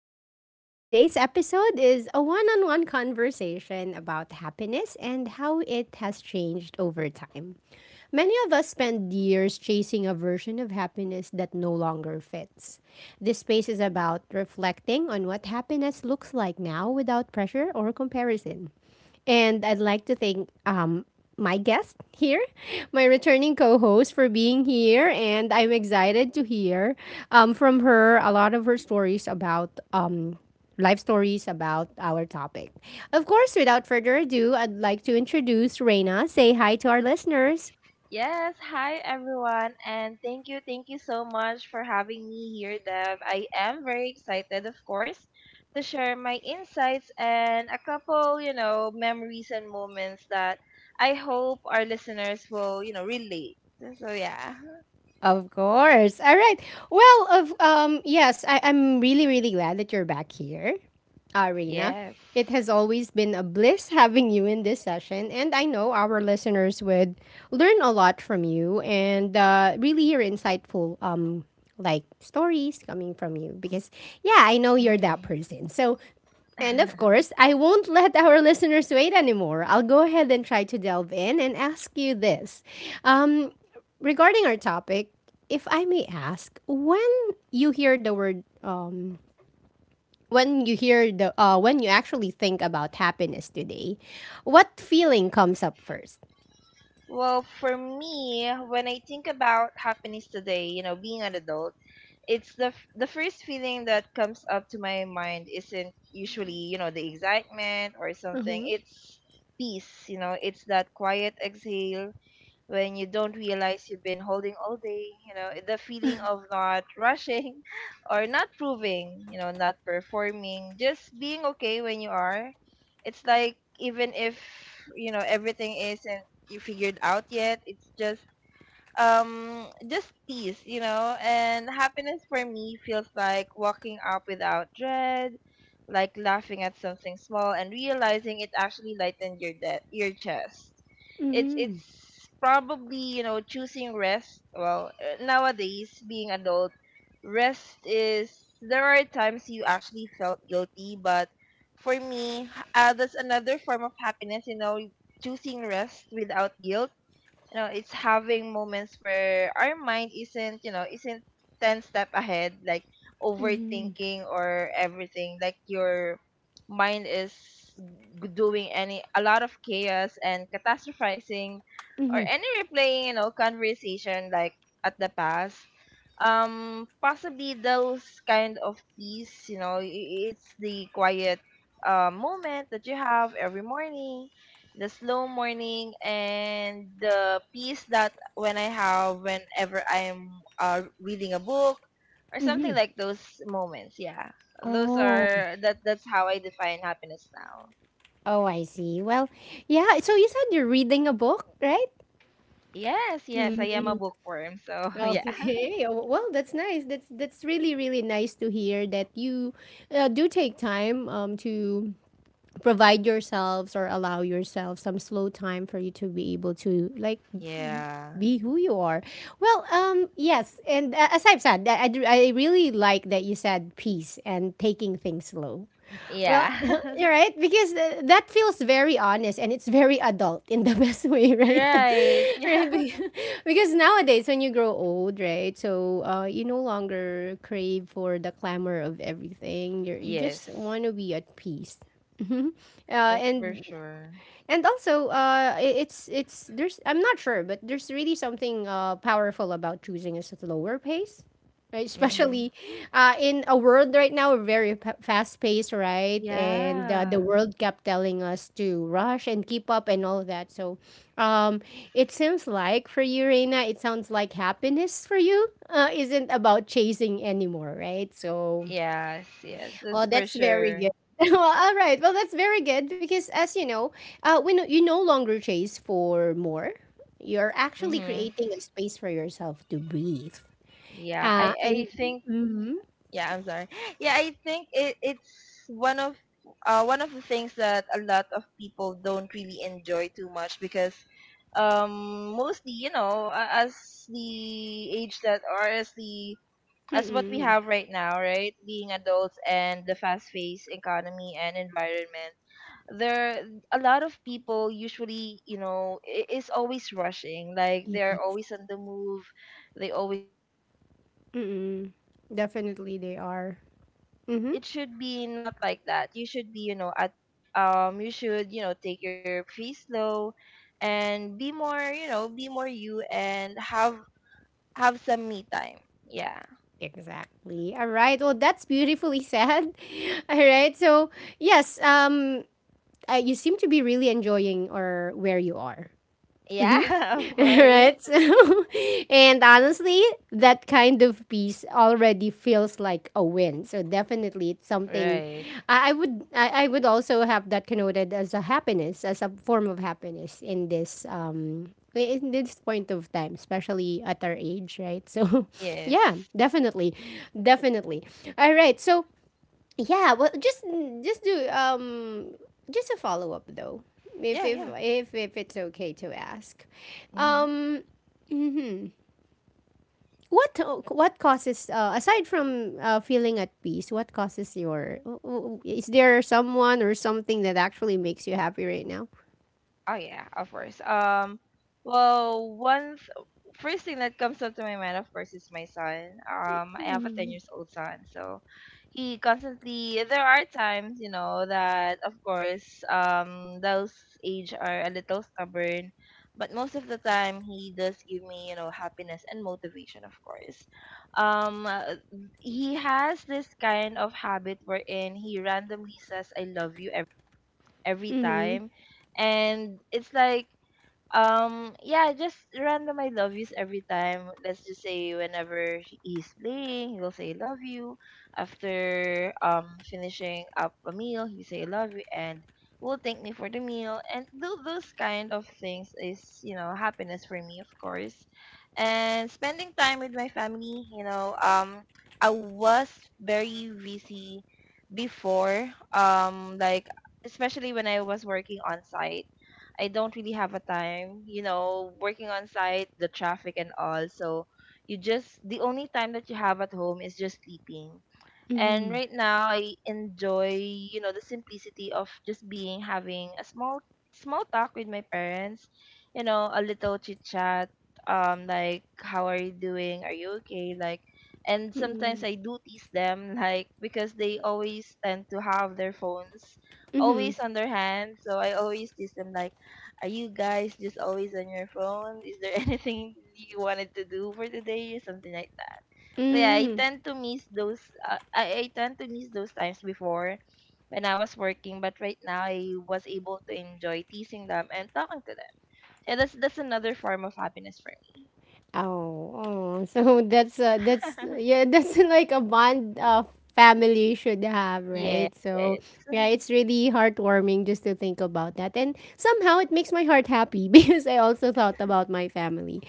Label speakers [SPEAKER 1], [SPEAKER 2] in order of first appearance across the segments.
[SPEAKER 1] Echo Lounge. Today's episode is a one on one conversation about happiness and how it has changed over time. Many of us spend years chasing a version of happiness that no longer fits. This space is about reflecting on what happiness looks like now without pressure or comparison. And I'd like to thank my guest here, my returning co host, for being here. And I'm excited to hear from her a lot of her stories about life stories about our topic. Of course, without further ado, I'd like to introduce Reina. Say hi to our listeners.
[SPEAKER 2] Yes, hi everyone, and thank you, so much for having me here, Dev. I am very excited, of course, to share my insights and a couple, you know, memories and moments that I hope our listeners will, you know, relate. So, yeah.
[SPEAKER 1] Of course. All right. Well, of yes, I'm really, really glad that you're back here, Arena.
[SPEAKER 2] Yes.
[SPEAKER 1] It has always been a bliss having you in this session, and I know our listeners would learn a lot from you and really hear insightful like stories coming from you because yeah, I know you're that
[SPEAKER 2] hmm
[SPEAKER 1] person. And of course, I won't let our listeners wait anymore. I'll go ahead and try to delve in and ask you this. Um, Regarding our topic, if I may ask, you hear the word um when you actually think about happiness today, what feeling comes up first?
[SPEAKER 2] Well, for me, when I think about happiness today, you know, being an adult, the first feeling that comes up to my mind isn't usually, you know, the excitement or something.
[SPEAKER 1] Mhm.
[SPEAKER 2] It's peace, you know, it's that quiet exhale when you don't realize you've been holding all day, you know, the feeling of not rushing or not proving, you know, not performing, just being okay when you are. It's like even if, you know, everything isn't you figured out yet, it's just peace, you know. And happiness for me feels like walking up without dread, like laughing at something small and realizing it actually lightened your your chest. it's
[SPEAKER 1] Mhm.
[SPEAKER 2] it's probably, you know, choosing rest well. Nowadays, being adult, rest is, there are times you actually felt guilty, but for me, that's another form of happiness, you know, choosing rest without guilt. You know, it's having moments where our mind isn't, you know isn't 10 step ahead, like
[SPEAKER 1] Mhm.
[SPEAKER 2] overthinking or everything, like your mind is doing any a lot of chaos and catastrophizing or
[SPEAKER 1] Mhm.
[SPEAKER 2] any replaying, you know, conversation like at the past. Um, possibly those kind of peace, you know. It's the quiet moment that you have every morning, the slow morning, and the peace that when I have whenever I'm reading a book or something
[SPEAKER 1] Mhm.
[SPEAKER 2] like those moments. Yeah, those
[SPEAKER 1] Oh.
[SPEAKER 2] are that. That's how I define happiness now.
[SPEAKER 1] Oh, I see. Well, yeah, so you said you're reading a book, right?
[SPEAKER 2] Yes, yes, I am a
[SPEAKER 1] Mm-hmm.
[SPEAKER 2] bookworm. So yeah.
[SPEAKER 1] Okay. Oh, well, that's nice. That's really, really nice to hear that you do take time to provide yourselves or allow yourself some slow time for you to be able to, like,
[SPEAKER 2] Yeah.
[SPEAKER 1] be who you are. Well, yes, and as I've said, I d- I really like that you said peace and taking things slow. Well, you're
[SPEAKER 2] Yeah.
[SPEAKER 1] right, because that feels very honest, and it's very adult in the best way, right?
[SPEAKER 2] Right. Yeah.
[SPEAKER 1] Right. Because nowadays, when you grow old, right, so you no longer crave for the clamor of everything, you just
[SPEAKER 2] Yes,
[SPEAKER 1] want to be at peace, uh,
[SPEAKER 2] that's for
[SPEAKER 1] and
[SPEAKER 2] sure.
[SPEAKER 1] and also I- it's there's, I'm not sure, but there's really something powerful about choosing a slower pace, right?
[SPEAKER 2] Mm-hmm.
[SPEAKER 1] Especially in a world right now, very fast paced, right? And the
[SPEAKER 2] Yeah,
[SPEAKER 1] world kept telling us to rush and keep up and all of that. So um it seems like for you, Reina, it sounds like happiness for you isn't about chasing anymore, right? So
[SPEAKER 2] yes, yes, that's
[SPEAKER 1] Oh,
[SPEAKER 2] for
[SPEAKER 1] that's very
[SPEAKER 2] sure.
[SPEAKER 1] good. Well, all right. Well, that's very good because, as you know, when you no longer chase for more, you're actually
[SPEAKER 2] Mm-hmm.
[SPEAKER 1] creating a space for yourself to breathe.
[SPEAKER 2] Yeah, I
[SPEAKER 1] And
[SPEAKER 2] I think,
[SPEAKER 1] mm-hmm,
[SPEAKER 2] Yeah, I'm sorry. Yeah, I think it's one of one of the things that a lot of people don't really enjoy too much because, um, mostly, you know, as the age that, or as the, as what we
[SPEAKER 1] mm-mm,
[SPEAKER 2] have right now, right? Being adults and the fast-paced economy and environment, there a lot of people usually, you know, is always rushing. Like,
[SPEAKER 1] yeah,
[SPEAKER 2] they're always on the move. They always wanted to do something and
[SPEAKER 1] mm-mm,
[SPEAKER 2] do that.
[SPEAKER 1] definitely
[SPEAKER 2] But
[SPEAKER 1] they
[SPEAKER 2] for
[SPEAKER 1] are.
[SPEAKER 2] me, it it it,
[SPEAKER 1] Mm-hmm,
[SPEAKER 2] it should be not like that. You should be, you know, at, you should, you know, take your pace slow, and be more, you know, be more you, and have some me time. Yeah.
[SPEAKER 1] exactly. All right. Well, that's beautifully said. All right. So yes, you seem to be really enjoying or where you are.
[SPEAKER 2] Yeah, of course.
[SPEAKER 1] Right? So, and honestly, that kind of peace already feels like a win. So definitely, it's something
[SPEAKER 2] Right.
[SPEAKER 1] I would also have that connoted as a happiness, as a form of happiness in this point of time, especially at our age, right? So, yeah,
[SPEAKER 2] Yes.
[SPEAKER 1] definitely, definitely. All right, so yeah, well, just do um just a follow up, though, if
[SPEAKER 2] Yeah,
[SPEAKER 1] if
[SPEAKER 2] yeah.
[SPEAKER 1] if, if it's okay to ask.
[SPEAKER 2] Mhm.
[SPEAKER 1] um mhm. what what causes, aside from feeling at peace, what causes your is there someone or something that actually makes you happy right now?
[SPEAKER 2] Oh yeah, of course. Well, first thing that comes up to my mind, of course, is my son. I have a ten
[SPEAKER 1] Mhm.
[SPEAKER 2] years old son, so he constantly. There are times, you know, that of course, those age are a little stubborn, but most of the time he does give me, you know, happiness and motivation, of course. Um, uh, he has this kind of habit wherein he randomly says, "I love you" every
[SPEAKER 1] Mhm.
[SPEAKER 2] time, and it's like, yeah, just random I love yous every time. Let's just say whenever he's playing, he'll say I love you. After finishing up a meal, he say I love you and will thank me for the meal. And do those kind of things is, you know, happiness for me, of course. And spending time with my family, you know. I was very busy before, um, like especially when I was working on site. I don't really have a time, you know. Working on site, the traffic and all, so you just, the only time that you have at home is just sleeping. And
[SPEAKER 1] Mhm.
[SPEAKER 2] right now I enjoy, you know, the simplicity of just being, having a small talk with my parents, you know, a little chit chat. Um, like, how are you doing? Are you okay? Like, and sometimes
[SPEAKER 1] Mhm.
[SPEAKER 2] I do tease them, like, because they always tend to have their phones
[SPEAKER 1] Mhm.
[SPEAKER 2] always on their hand. So I always tease them like, are you guys just always on your phone? Is there anything you wanted to do for today? Something like that. So yeah, I
[SPEAKER 1] Mhm.
[SPEAKER 2] tend to miss those. I tend to miss those times before, when I was working, but right now I was able to enjoy teasing them and talking to them. And that's another form of happiness for
[SPEAKER 1] Oh, oh. So that's
[SPEAKER 2] me.
[SPEAKER 1] yeah, that's like a bond, family should have,
[SPEAKER 2] Yes.
[SPEAKER 1] right? So yeah, it's really heartwarming just to think about that, and somehow it makes my heart happy because I also thought about my family.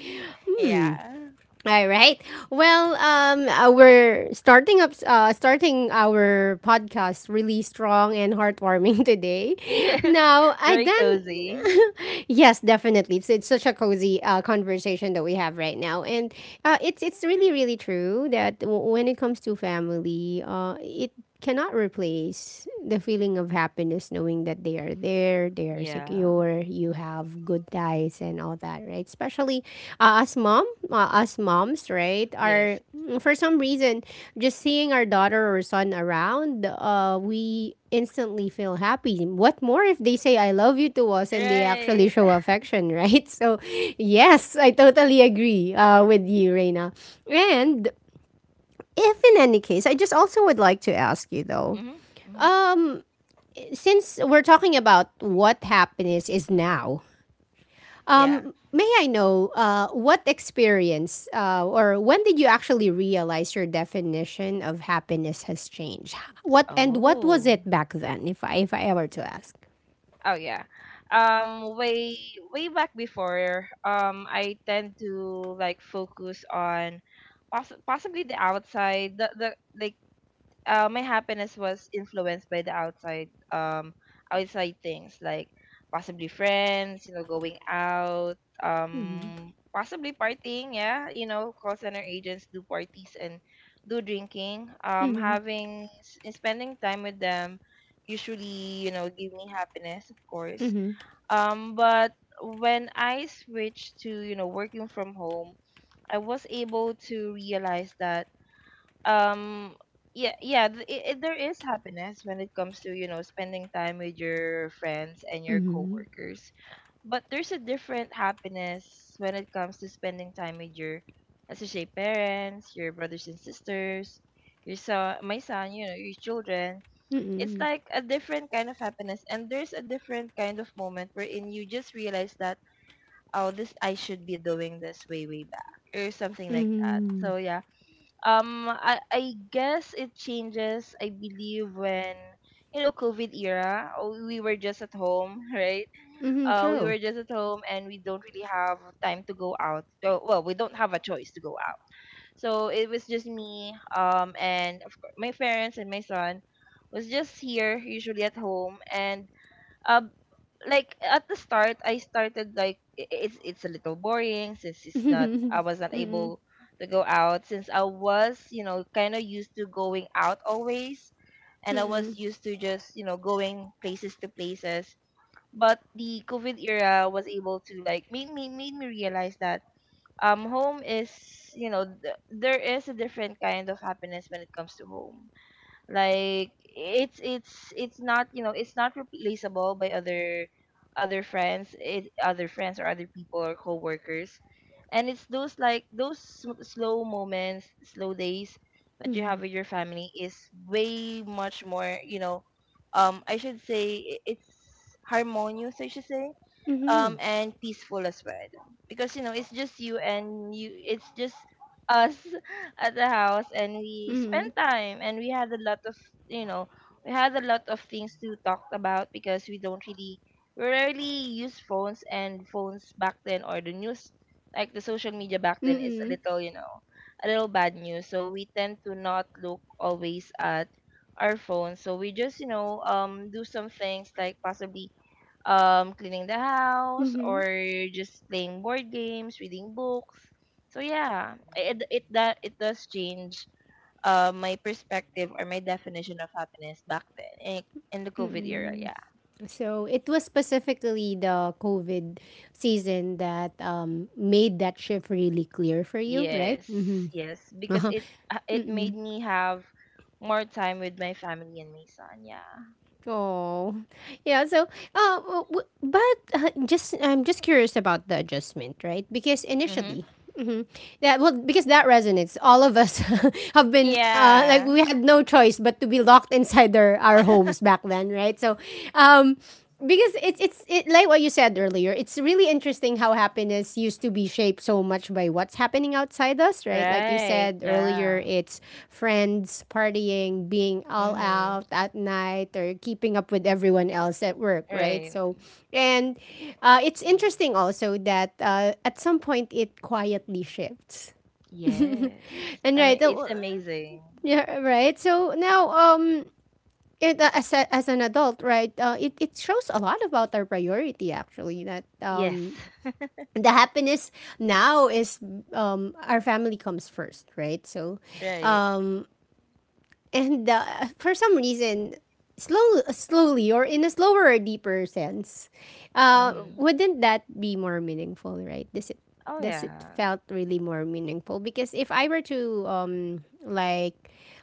[SPEAKER 1] Hmm.
[SPEAKER 2] Yeah.
[SPEAKER 1] All right. Well, we're starting up, starting our podcast really strong and heartwarming today.
[SPEAKER 2] Yes.
[SPEAKER 1] Now,
[SPEAKER 2] Very cozy.
[SPEAKER 1] yes, definitely, it's such a cozy conversation that we have right now, and it's really, really true that when it comes to family, it cannot replace the feeling of happiness, knowing that they are there, they are
[SPEAKER 2] Yeah.
[SPEAKER 1] secure, you have good ties and all that, right? Especially uh, us mom, us moms, right? Are,
[SPEAKER 2] Yes.
[SPEAKER 1] for some reason, just seeing our daughter or son around, we instantly feel happy. What more if they say I love you to us and they actually
[SPEAKER 2] Right.
[SPEAKER 1] show affection, right? So, yes, I totally agree with you, Reina. And if in any case, I just also would like to ask you, though,
[SPEAKER 2] Mm-hmm.
[SPEAKER 1] since we're talking about what happiness is now,
[SPEAKER 2] Yeah.
[SPEAKER 1] may I know, what experience, or when did you actually realize your definition of happiness has changed? What was
[SPEAKER 2] Oh.
[SPEAKER 1] it back then, if I ever to ask?
[SPEAKER 2] Oh yeah. Um, way way back before, um, I tend to like focus on possibly the outside, the like, my happiness was influenced by the outside, um, outside things like possibly friends, you know, going out, um, possibly partying. Yeah, you know, call center agents do parties and do drinking. Um,
[SPEAKER 1] Mm-hmm.
[SPEAKER 2] having spending time with them usually, you know, give me happiness, of course.
[SPEAKER 1] Mm-hmm.
[SPEAKER 2] Um, but when I switched to, you know, working from home, I was able to realize that, um, yeah. There is happiness when it comes to, you know, spending time with your friends and your
[SPEAKER 1] Mm-hmm.
[SPEAKER 2] coworkers, but there's a different happiness when it comes to spending time with your, as you say, parents, your brothers and sisters, your son, my son, you know, your children. It's
[SPEAKER 1] Mm-hmm.
[SPEAKER 2] like a different kind of happiness, and there's a different kind of moment wherein you just realize that, oh, this I should be doing this way way back, or something like that.
[SPEAKER 1] Mm-hmm.
[SPEAKER 2] So yeah, I guess it changes, I believe, when, you know, COVID era, oh, we were just at home, right?
[SPEAKER 1] Mm-hmm.
[SPEAKER 2] We
[SPEAKER 1] True.
[SPEAKER 2] were just at home, and we don't really have time to go out. So, well, we don't have a choice to go out. So it was just me, and of course, my parents and my son was just here, usually at home. And, um, like at the start I started like, it's a little boring, since it's not, I was not
[SPEAKER 1] Mm-mm.
[SPEAKER 2] able to go out, since I was, you know, kind of used to going out always, and I was
[SPEAKER 1] Mm-mm.
[SPEAKER 2] used to just, you know, going places to places. But the COVID era was able to like made me realize that, um, home is, you know, there is a different kind of happiness when it comes to home. Like, it's not, you know, it's not replaceable by other other friends. It, other friends or other people or coworkers. And it's those, like, those slow moments, slow days that you have
[SPEAKER 1] Mm-mm.
[SPEAKER 2] with your family is way much more, you know, um, I should say, it's harmonious, I should say,
[SPEAKER 1] Mm-hmm.
[SPEAKER 2] um, and peaceful as well. Because, you know, it's just you and you, it's just us at the house, and we
[SPEAKER 1] Mm-hmm.
[SPEAKER 2] spent
[SPEAKER 1] Mm-hmm.
[SPEAKER 2] time, and we had a lot of, you know, we had a lot of things to talk about, because we don't really, we rarely use phones, and phones back then, or the news, like the social media back then
[SPEAKER 1] Mm-hmm.
[SPEAKER 2] is a
[SPEAKER 1] Mm-hmm.
[SPEAKER 2] little, you know, a little bad news. So we tend to not look always at our phones, so we just, you know, um, do some things like possibly, um, cleaning the house or just playing board games, reading books. So yeah, it that it does change, uh, my perspective or my definition of happiness back then, in the COVID era.
[SPEAKER 1] Mm-hmm.
[SPEAKER 2] Yeah.
[SPEAKER 1] So it was specifically the COVID season that made that shift really clear for you, right?
[SPEAKER 2] Yes. Yes, because it, it made me have more time with my family and my son. Yeah.
[SPEAKER 1] Oh, yeah. So, w- w- but just I'm just curious about the adjustment, right? Because
[SPEAKER 2] Mhm.
[SPEAKER 1] initially, hmm that well, because that resonates. All of us have been, like,
[SPEAKER 2] Yeah.
[SPEAKER 1] we had no choice but to be locked inside our homes back then, right? So, um, because like what you said earlier, it's really interesting how happiness used to be shaped so much by what's happening outside us, right? Like you
[SPEAKER 2] Right.
[SPEAKER 1] said earlier,
[SPEAKER 2] Yeah.
[SPEAKER 1] it's friends partying, being all out
[SPEAKER 2] Mhm.
[SPEAKER 1] at night, or keeping up with everyone else at work, right?
[SPEAKER 2] Right.
[SPEAKER 1] So and it's interesting also that at some point it quietly shifts.
[SPEAKER 2] Yes.
[SPEAKER 1] And
[SPEAKER 2] I mean,
[SPEAKER 1] right,
[SPEAKER 2] it's amazing.
[SPEAKER 1] yeah, right. So now it, as an adult, right, it shows a lot about our priority actually, that
[SPEAKER 2] Yes.
[SPEAKER 1] the happiness now is, our family comes first, right? So
[SPEAKER 2] Right.
[SPEAKER 1] um, and for some reason, slow, slowly, or in a slower or deeper sense,
[SPEAKER 2] Mm-hmm.
[SPEAKER 1] wouldn't that be more meaningful, right? Does it
[SPEAKER 2] Oh
[SPEAKER 1] does it
[SPEAKER 2] yeah.
[SPEAKER 1] felt really more meaningful? Because if I were to like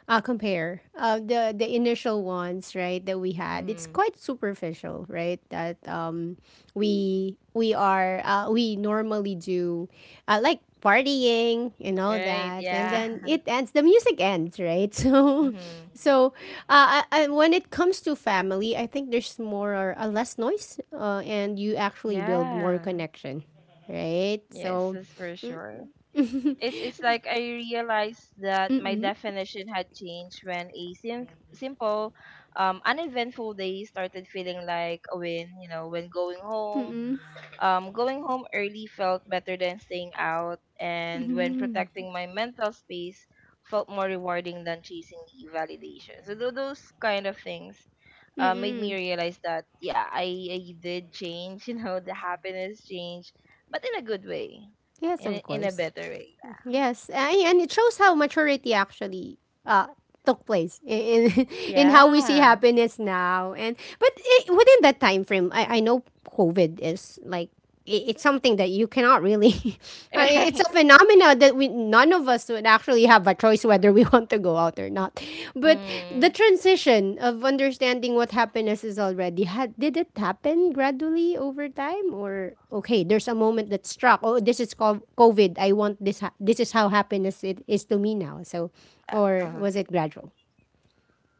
[SPEAKER 1] compare, the initial ones, right, that we had, it's
[SPEAKER 2] Mm-hmm.
[SPEAKER 1] quite superficial, right? That we normally do, like, partying and all
[SPEAKER 2] Right.
[SPEAKER 1] that, and
[SPEAKER 2] Yeah.
[SPEAKER 1] then it ends the music ends, right? So
[SPEAKER 2] Mm-hmm.
[SPEAKER 1] so when it comes to family, I think there's more, or less noise, and you actually build more
[SPEAKER 2] Yeah.
[SPEAKER 1] connection, right?
[SPEAKER 2] Yes,
[SPEAKER 1] So
[SPEAKER 2] that's for sure.
[SPEAKER 1] mm-mm,
[SPEAKER 2] It's like I realized that my definition had changed when a simple, uneventful day started feeling like a win. You know, when going home,
[SPEAKER 1] mm-mm,
[SPEAKER 2] um, going home early felt better than staying out, and when
[SPEAKER 1] mm-mm,
[SPEAKER 2] protecting my mental space felt more rewarding than chasing the validation. So those kind of things, made me
[SPEAKER 1] mm-mm.
[SPEAKER 2] realize that yeah, I did change. You know, the happiness changed, but in a good way,
[SPEAKER 1] Yes,
[SPEAKER 2] in
[SPEAKER 1] of
[SPEAKER 2] a, in a
[SPEAKER 1] course.
[SPEAKER 2] better way.
[SPEAKER 1] Yes, and it shows how maturity actually uh, took place in in how we see
[SPEAKER 2] Yeah,
[SPEAKER 1] happiness now. Within that time frame, I know COVID is like, I it's something that you cannot really. It's
[SPEAKER 2] right.
[SPEAKER 1] a phenomena that we none of us would actually have a choice whether we want to go out or not. But the
[SPEAKER 2] Mm,
[SPEAKER 1] transition of understanding what happiness is already had did it happen gradually over time, or, okay, there's a moment that struck. Oh, this is COVID. I want this. This is how happiness it is to me now. So,
[SPEAKER 2] uh,
[SPEAKER 1] or
[SPEAKER 2] um,
[SPEAKER 1] was it gradual?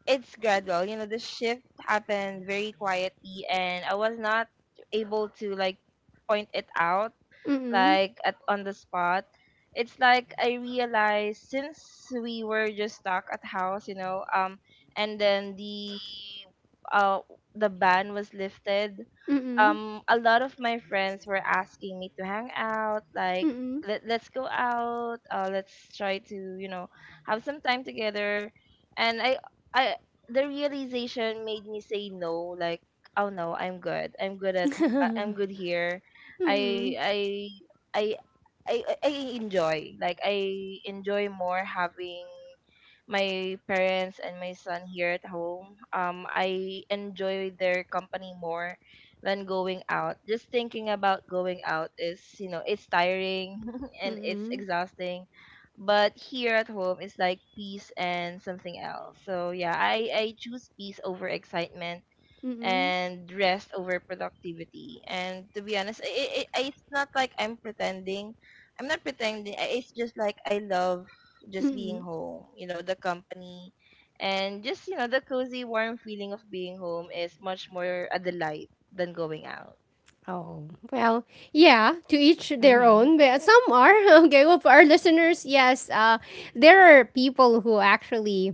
[SPEAKER 2] it's gradual. You know, the shift happened very quietly, and I was not able to like point it out
[SPEAKER 1] Mm-mm,
[SPEAKER 2] like at on the spot. It's like I realized since we were just stuck at house, you know, and then uh the ban was lifted.
[SPEAKER 1] mm-mm,
[SPEAKER 2] A lot of my friends were asking me to hang out, like
[SPEAKER 1] mm-mm,
[SPEAKER 2] let's go out. Let's try to have some time together. And I the realization made me say no, like oh no, I'm good, I'm good at I'm good here. I i i I, I I enjoy, like I enjoy more having my parents and my son here at home. I enjoy their company more than going out. Just thinking about going out is, you know, it's tiring and it's
[SPEAKER 1] mm-mm,
[SPEAKER 2] exhausting. But here at home, it's like peace and something else. So yeah, I choose peace over excitement
[SPEAKER 1] mm-mm,
[SPEAKER 2] and rest over productivity. And to be honest, I it's not like I'm pretending. I'm not pretending. I- It's just like I love just being
[SPEAKER 1] mm-mm.
[SPEAKER 2] home. You know, the company, and just the cozy, warm feeling of being home is much more a delight than going out.
[SPEAKER 1] Oh, well, yeah, to each their
[SPEAKER 2] Mm-hmm.
[SPEAKER 1] own, but some are. Okay, well, for our listeners, yes, there are people who actually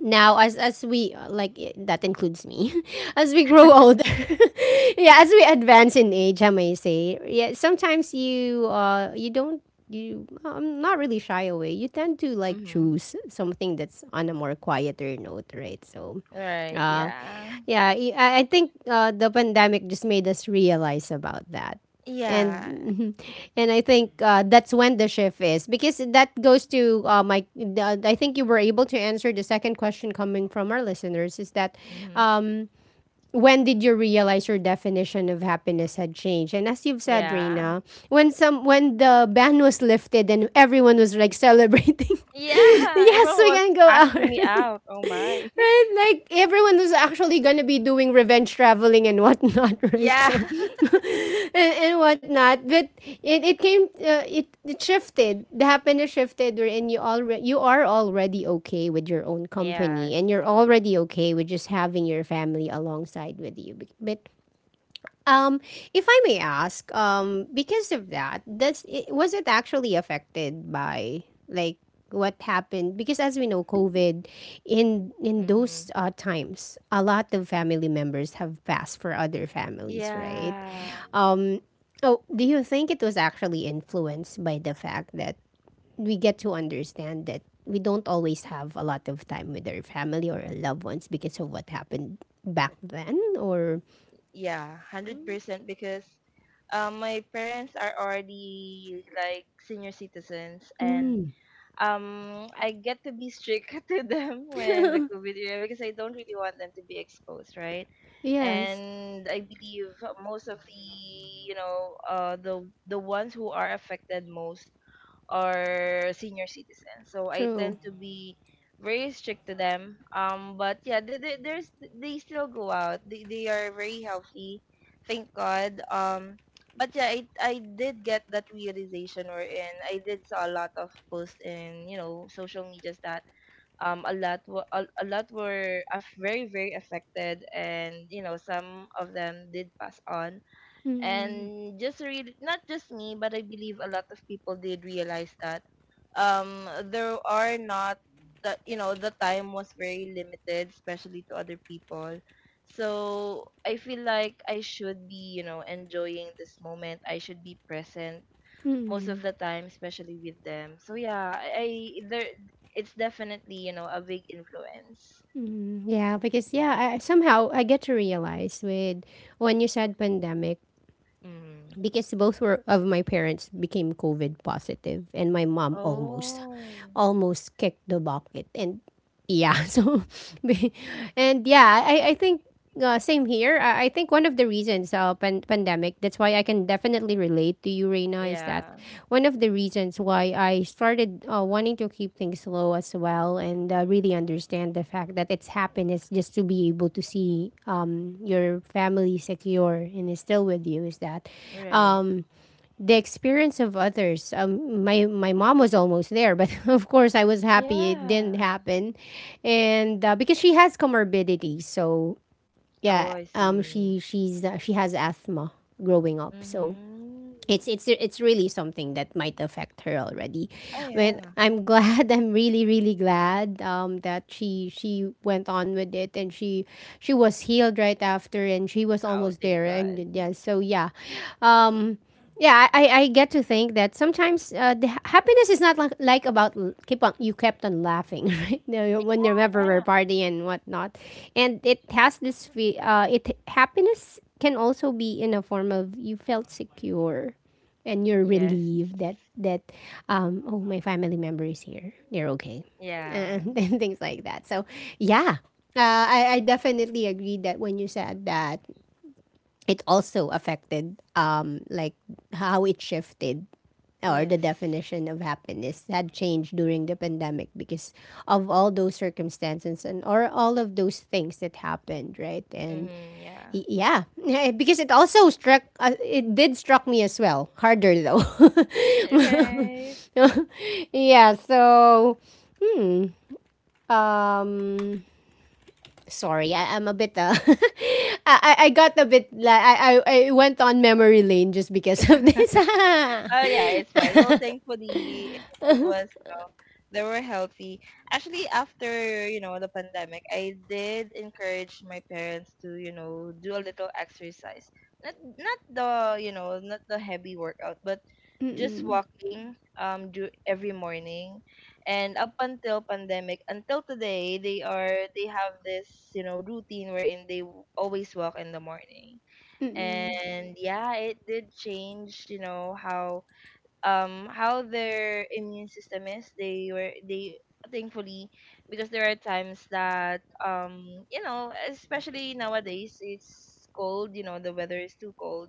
[SPEAKER 1] now, as we that includes me as we grow older. Yeah, as we advance in age, I may say, yeah, sometimes you don't, you, I'm not really, shy away, you tend to, like,
[SPEAKER 2] Mm-hmm.
[SPEAKER 1] choose something that's on a more quieter note, right? So
[SPEAKER 2] Right?
[SPEAKER 1] uh,
[SPEAKER 2] Yeah.
[SPEAKER 1] yeah, I think the pandemic just made us realize about that.
[SPEAKER 2] Yeah.
[SPEAKER 1] And and I think that's when the shift is, because that goes to my. I think you were able to answer the second question coming from our listeners, is that,
[SPEAKER 2] hmm
[SPEAKER 1] um, when did you realize your definition of happiness had changed? And as you've said,
[SPEAKER 2] Yeah.
[SPEAKER 1] Rena, when some when the ban was lifted and everyone was like celebrating,
[SPEAKER 2] Yeah.
[SPEAKER 1] yes,
[SPEAKER 2] Everyone
[SPEAKER 1] we
[SPEAKER 2] was
[SPEAKER 1] can go out.
[SPEAKER 2] asking me out. Oh my.
[SPEAKER 1] Right? Like everyone was actually gonna be doing revenge traveling and whatnot, right?
[SPEAKER 2] Yeah.
[SPEAKER 1] So and whatnot, but it shifted. The happiness shifted, wherein you are already okay with your own company,
[SPEAKER 2] Yes.
[SPEAKER 1] and you're already okay with just having your family alongside with you. But um, if I may ask, because of that, was it actually affected by, like, what happened? Because as we know, COVID in those
[SPEAKER 2] Mhm.
[SPEAKER 1] times, a lot of family members have passed for other families, right?
[SPEAKER 2] Yeah,
[SPEAKER 1] Um, oh, do you think it was actually influenced by the fact that we get to understand that we don't always have a lot of time with our family or our loved ones because of what happened back then? Or
[SPEAKER 2] yeah, 100% because my parents are already like senior citizens, and I get to be strict to them when the COVID era, because I don't really want them to be exposed, right?
[SPEAKER 1] yes,
[SPEAKER 2] And I believe most of the, you know, the ones who are affected most or senior citizens. So I
[SPEAKER 1] true.
[SPEAKER 2] tend to be very strict to them. But yeah, they still go out. They are very healthy, thank God. But yeah, I did get that realization, or in I did saw a lot of posts in, you know, social medias that a lot were a lot were aff- very very affected, and you know some of them did pass on,
[SPEAKER 1] Mm,
[SPEAKER 2] and just read not just me but I believe a lot of people did realize that there are not, that you know the time was very limited, especially to other people. So I feel like I should be, you know, enjoying this moment, I should be present most of the time, especially with them. So yeah, I there, it's definitely, you know, a big influence.
[SPEAKER 1] yeah, because yeah, somehow I get to realize with when you said pandemic
[SPEAKER 2] Mm.
[SPEAKER 1] because both were of my parents became COVID positive and my mom almost
[SPEAKER 2] Oh.
[SPEAKER 1] kicked the bucket and yeah, so be- and yeah, I think same here. I think one of the reasons pandemic that's why I can definitely relate to you, Reina, is that
[SPEAKER 2] Yeah.
[SPEAKER 1] one of the reasons why I started wanting to keep things low as well and really understand the fact that it's happiness just to be able to see your family secure and is still with you is that
[SPEAKER 2] Right.
[SPEAKER 1] um, the experience of others. My, my mom was almost there, but of course I was happy it didn't
[SPEAKER 2] Yeah.
[SPEAKER 1] happen. And because she has comorbidity, so
[SPEAKER 2] Oh,
[SPEAKER 1] yeah,
[SPEAKER 2] I see.
[SPEAKER 1] she has asthma growing up. So
[SPEAKER 2] Mm-hmm.
[SPEAKER 1] it's really something that might affect her already.
[SPEAKER 2] Oh,
[SPEAKER 1] But
[SPEAKER 2] yeah.
[SPEAKER 1] I'm glad. I'm really really glad that she went on with it, and she was healed right after, and she was
[SPEAKER 2] Oh,
[SPEAKER 1] almost
[SPEAKER 2] thank
[SPEAKER 1] there
[SPEAKER 2] God.
[SPEAKER 1] and yeah. So yeah, um, yeah, I get to think that sometimes the happiness is not like about keep on you kept on laughing, right? No, when you're ever were
[SPEAKER 2] Yeah.
[SPEAKER 1] party and whatnot, and it has this it happiness can also be in a form of you felt secure, and you're
[SPEAKER 2] Yes.
[SPEAKER 1] relieved that oh, my family member is here, they're okay
[SPEAKER 2] Yeah.
[SPEAKER 1] and, and things like that. So yeah, I definitely agree that when you said that it also affected like how it shifted or the
[SPEAKER 2] Yes.
[SPEAKER 1] definition of happiness had changed during the pandemic because of all those circumstances and or all of those things that happened, right? And
[SPEAKER 2] Mm-hmm. Yeah.
[SPEAKER 1] yeah, because it also struck it did struck me as well harder though,
[SPEAKER 2] Right.
[SPEAKER 1] yeah, so um sorry, I'm a bit I got a bit like I went on memory lane just because of this.
[SPEAKER 2] Oh yeah, it's fine. Well, thankfully it was, you know, they were healthy. Actually, after, you know, the pandemic, I did encourage my parents to, you know, do a little exercise. Not not the, you know, not the heavy workout, but just walking do every morning. And up until pandemic, until today, they are they have this, you know, routine wherein they w- always walk in the morning.
[SPEAKER 1] Mm,
[SPEAKER 2] And yeah, it did change, you know, how their immune system is they were they thankfully, because there are times that you know, especially nowadays it's cold, you know, the weather is too cold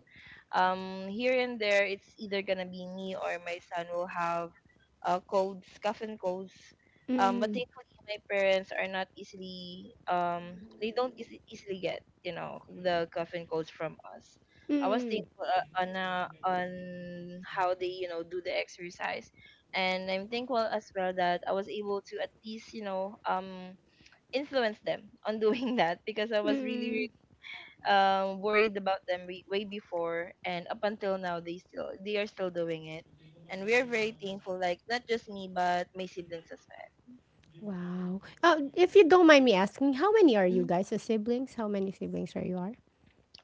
[SPEAKER 2] here and there, it's either gonna be me or my son will have colds, cough and colds. But
[SPEAKER 1] mm,
[SPEAKER 2] thankfully my parents are not easily they don't easily get, you know, the cough and colds from us. I was
[SPEAKER 1] mm,
[SPEAKER 2] thankful on how they, you know, do the exercise, and I'm thankful as well that I was able to at least, you know, influence them on doing that because I was really
[SPEAKER 1] mm.
[SPEAKER 2] really worried about them re- way before, and up until now they still they are still doing it, and we are very thankful, like not just me but my siblings as well.
[SPEAKER 1] Wow. Oh, if you don't mind me asking, how many are you
[SPEAKER 2] Mhm.
[SPEAKER 1] guys as siblings? How many siblings are you are?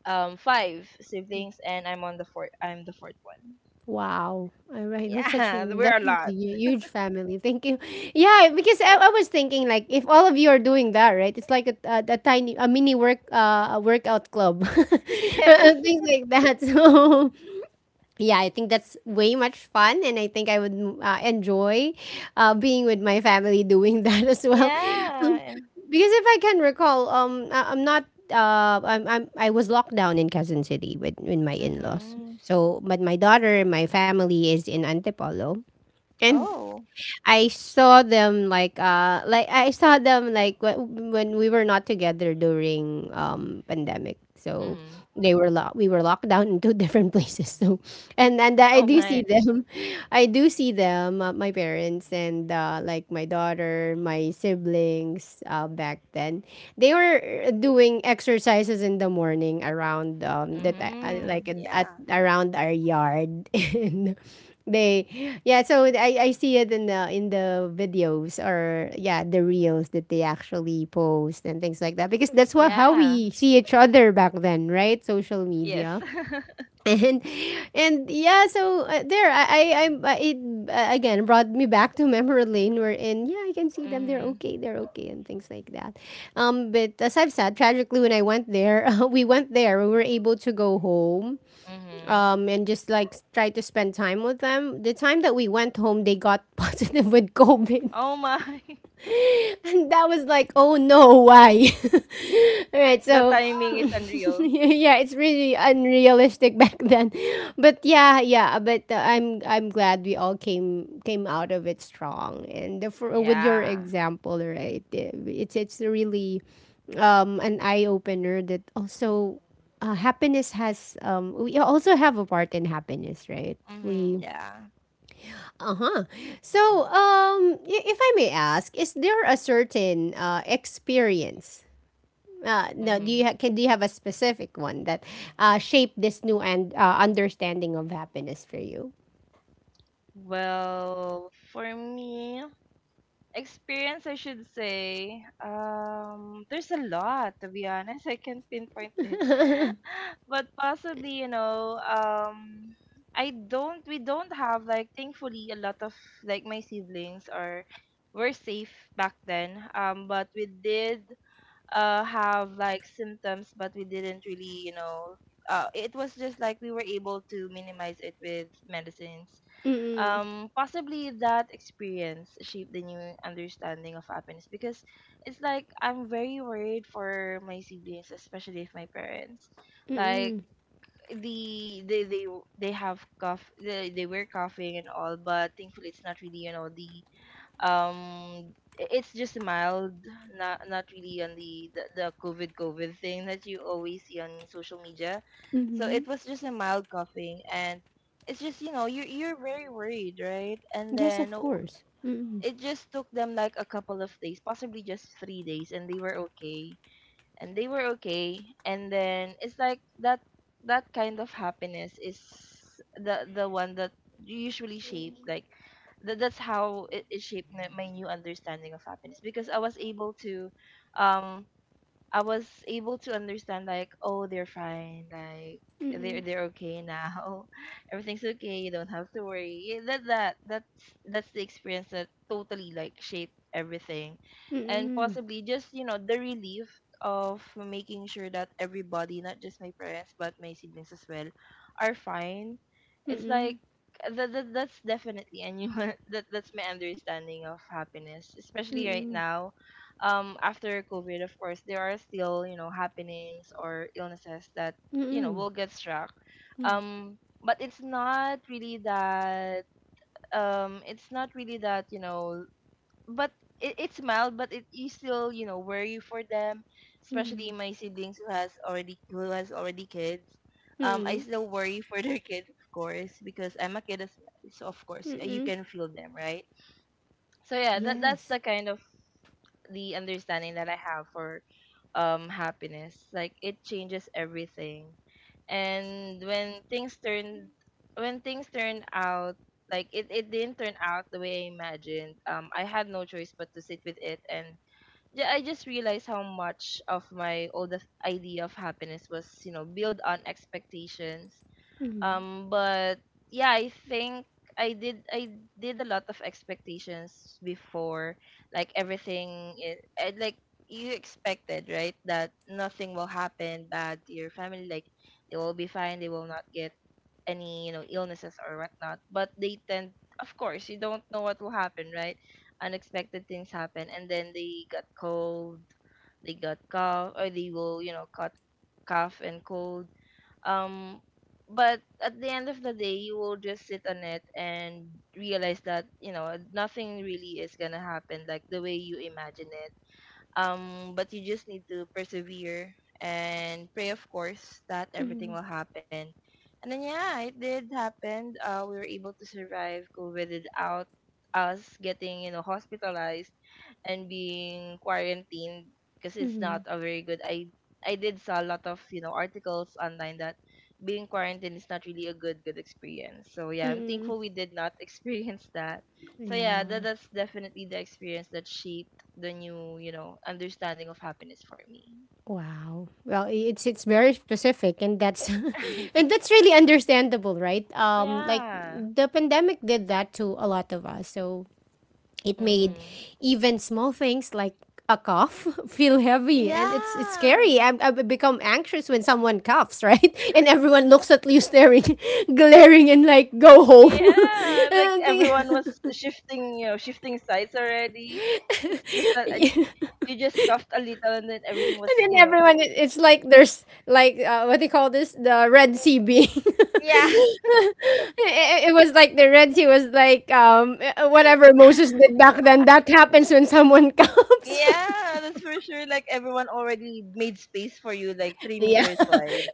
[SPEAKER 2] Five siblings and I'm on the fourth. I'm the fourth one.
[SPEAKER 1] Wow. All right. That's such a,
[SPEAKER 2] Yeah,
[SPEAKER 1] that
[SPEAKER 2] we're a
[SPEAKER 1] is a
[SPEAKER 2] lot.
[SPEAKER 1] huge family. Thank you. Yeah, because I was thinking, like, if all of you are doing that, right? It's like a tiny a mini work a workout club.
[SPEAKER 2] Yes.
[SPEAKER 1] Things like that. So, yeah, I think that's way much fun, and I think I would enjoy being with my family doing that as well.
[SPEAKER 2] Yeah.
[SPEAKER 1] Because if I can recall, I'm not. I was locked down in Quezon City with my in laws.
[SPEAKER 2] Mhm.
[SPEAKER 1] So, but my daughter, my family is in Antipolo, and
[SPEAKER 2] Oh.
[SPEAKER 1] I saw them like I saw them like when we were not together during pandemic. So
[SPEAKER 2] Mhm.
[SPEAKER 1] they were locked. We were locked down in two different places. So and I
[SPEAKER 2] Oh
[SPEAKER 1] do
[SPEAKER 2] my.
[SPEAKER 1] see them. I do see them. My parents and like my daughter, my siblings. Back then, they were doing exercises in the morning around that like
[SPEAKER 2] Mhm.
[SPEAKER 1] at
[SPEAKER 2] Yeah.
[SPEAKER 1] around our yard, and. They, yeah. So I see it in the videos, or yeah, the reels that they actually post and things like that, because that's what how
[SPEAKER 2] Yeah.
[SPEAKER 1] we see each other back then, right? Social
[SPEAKER 2] Yes.
[SPEAKER 1] media. and and yeah. So there, I- it again brought me back to memory lane, where in yeah, I can see them. They're
[SPEAKER 2] Mhm.
[SPEAKER 1] okay. They're okay and things like that. But as I've said, tragically when I went there, we went there. We were able to go home
[SPEAKER 2] Mhm.
[SPEAKER 1] and just like try to spend time with them. The time that we went home, they got positive with COVID.
[SPEAKER 2] Oh my.
[SPEAKER 1] And that was like, oh no, why? All right,
[SPEAKER 2] The
[SPEAKER 1] so
[SPEAKER 2] timing is unreal.
[SPEAKER 1] yeah, it's really unrealistic back then, but yeah, yeah, but I'm glad we all came out of it strong. And for, with your
[SPEAKER 2] Yeah.
[SPEAKER 1] example, right, it's really an eye opener that also happiness has we also have a part in happiness, right?
[SPEAKER 2] Mhm.
[SPEAKER 1] We
[SPEAKER 2] Yeah.
[SPEAKER 1] uh-huh. So, if I may ask, is there a certain experience? No, do you
[SPEAKER 2] Mhm.
[SPEAKER 1] ha- can do you have a specific one that shaped this new and understanding of happiness for you?
[SPEAKER 2] Well, for me. Experience, I should say. There's a lot to be honest. I can't pinpoint it, but possibly, you know, I don't. We don't have like, thankfully, a lot of like my siblings or were safe back then. But we did have like symptoms, but we didn't really, you know, it was just like we were able to minimize it with medicines.
[SPEAKER 1] Mm-mm.
[SPEAKER 2] Possibly that experience shaped the new understanding of happiness, because it's like I'm very worried for my siblings, especially if my parents, like
[SPEAKER 1] Mm-mm.
[SPEAKER 2] the they they they have cough, they were coughing and all, but thankfully it's not really, you know, the um it's just mild, not not really on the, the COVID COVID thing that you always see on social media. So
[SPEAKER 1] Mm-hmm.
[SPEAKER 2] it was just a mild coughing, and it's just, you know, you're very worried, right? And
[SPEAKER 1] Yes, of
[SPEAKER 2] then oh,
[SPEAKER 1] course. Mm-mm.
[SPEAKER 2] it just took them like a couple of days, possibly just 3 days, and they were okay, and they were okay, and then it's like that, that kind of happiness is the one that usually shaped like that, that's how it shaped my new understanding of happiness, because I was able to um I was able to understand like, oh, they're fine, like
[SPEAKER 1] Mm-mm.
[SPEAKER 2] they're okay now. Everything's okay. You don't have to worry. Yeah, that that that's the experience that totally like shaped everything, and
[SPEAKER 1] Mm-mm.
[SPEAKER 2] possibly just, you know, the relief of making sure that everybody, not just my parents but my siblings as well, are fine. It's like
[SPEAKER 1] Mm-mm.
[SPEAKER 2] that, that that's definitely and you that that's my understanding of happiness, especially right
[SPEAKER 1] Mm-mm.
[SPEAKER 2] now after COVID. Of course there are still, you know, happenings or illnesses that you know
[SPEAKER 1] Mm-mm.
[SPEAKER 2] will get struck. But it's not really that it's not really that, you know, but it, it's mild, but it you still, you know, worry for them, especially
[SPEAKER 1] Mm-mm.
[SPEAKER 2] my siblings who has already kids. I
[SPEAKER 1] Mm-mm.
[SPEAKER 2] still worry for their kids, of course, because I'm a kid as well, so of course you
[SPEAKER 1] Mm-mm.
[SPEAKER 2] can feel them, right? So yeah, that that's
[SPEAKER 1] Yes.
[SPEAKER 2] the kind, the understanding that I have for happiness. Like it changes everything. And when things turn, when things turn out like it didn't turn out the way I imagined. Um, I had no choice but to sit with it, and ju- I just realized how much of my old idea of happiness was, you know, built on expectations.
[SPEAKER 1] Mm-mm.
[SPEAKER 2] But yeah, I think I did a lot of expectations before, like everything is, and, like you expected, right, that nothing will happen bad to your family, like they will be fine, they will not get any, you know, illnesses or whatnot, but they tend of course you don't know what will happen, right? Unexpected things happen, and then they got cold, they got cough, or they will, you know, cut cough and cold. um but at the end of the day, you will just sit on it and realize that, you know, nothing really is gonna happen like the way you imagine it. But you just need to persevere, and pray of course that everything
[SPEAKER 1] Mm-mm.
[SPEAKER 2] will happen. And then yeah, it did happen, we were able to survive COVID without us getting, you know, hospitalized and being quarantined, because it's not a very good I did saw a lot of, you know, articles online that being quarantined is not really a good good experience. So yeah, I'm
[SPEAKER 1] Mm-mm.
[SPEAKER 2] thankful we did not experience that. So yeah, that,
[SPEAKER 1] Yeah.
[SPEAKER 2] that's definitely the experience that shaped the new, you know, understanding of happiness for me.
[SPEAKER 1] Wow. Well, it's very specific, and that's and that's really understandable, right? Like
[SPEAKER 2] Yeah.
[SPEAKER 1] the pandemic did that to a lot of us. So it made
[SPEAKER 2] Mm-hmm.
[SPEAKER 1] even small things like a cough feel heavy, and it's
[SPEAKER 2] Yeah.
[SPEAKER 1] scary. I become anxious when someone coughs, right? And everyone looks at you staring, glaring and like go home.
[SPEAKER 2] Yeah.
[SPEAKER 1] And
[SPEAKER 2] Like
[SPEAKER 1] I'm
[SPEAKER 2] everyone
[SPEAKER 1] thinking-
[SPEAKER 2] was shifting, you know, shifting sides already. It's just that I, you just coughed a little, and then everything
[SPEAKER 1] and
[SPEAKER 2] was,
[SPEAKER 1] then
[SPEAKER 2] you know.
[SPEAKER 1] everyone, it's like, there's like what they call this, the red sea being.
[SPEAKER 2] Yeah.
[SPEAKER 1] It was like the Red Sea was like, whatever Moses did back then. That happens when someone comes.
[SPEAKER 2] Yeah, that's for sure. Like everyone already made space for you, like three
[SPEAKER 1] Yeah,
[SPEAKER 2] meters wide.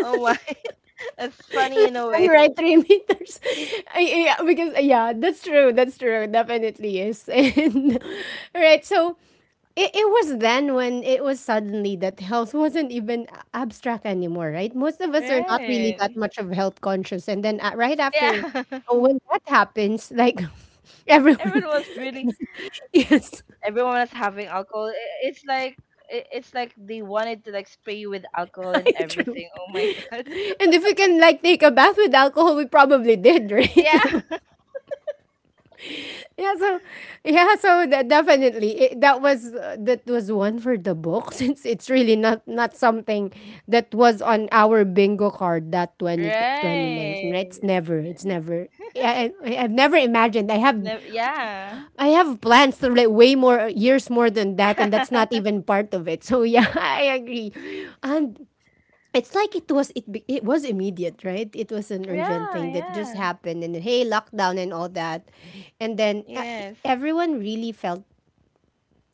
[SPEAKER 2] Oh my. That's funny in a
[SPEAKER 1] and
[SPEAKER 2] way.
[SPEAKER 1] right 3 meters. Yeah, because yeah, that's true. That's true. Definitely is. And right, so it was then when it was suddenly that health wasn't even abstract anymore. Right, most of us are not really that
[SPEAKER 2] Right.
[SPEAKER 1] much of health conscious, and then right after
[SPEAKER 2] Yeah.
[SPEAKER 1] when that happens, like, everyone,
[SPEAKER 2] Everyone was really
[SPEAKER 1] yes,
[SPEAKER 2] everyone was having alcohol. I- It's like it's like they wanted to like spray you with alcohol and
[SPEAKER 1] true.
[SPEAKER 2] everything. Oh my god.
[SPEAKER 1] And if we can like take a bath with alcohol, we probably did, right?
[SPEAKER 2] Yeah.
[SPEAKER 1] So, yeah, so yeah, so that definitely that was one for the book, since it's really not something that was on our bingo card that 2019, right? It's
[SPEAKER 2] Right.
[SPEAKER 1] never, it's never. I've never imagined.
[SPEAKER 2] Never, yeah.
[SPEAKER 1] I have plans to like way more years more than that, and that's not even part of it. So yeah, I agree. And it's like it was immediate, right? It was an urgent
[SPEAKER 2] Yeah,
[SPEAKER 1] thing that just
[SPEAKER 2] yeah.
[SPEAKER 1] happened, and then, hey, lockdown and all that, and then
[SPEAKER 2] Yes.
[SPEAKER 1] everyone really felt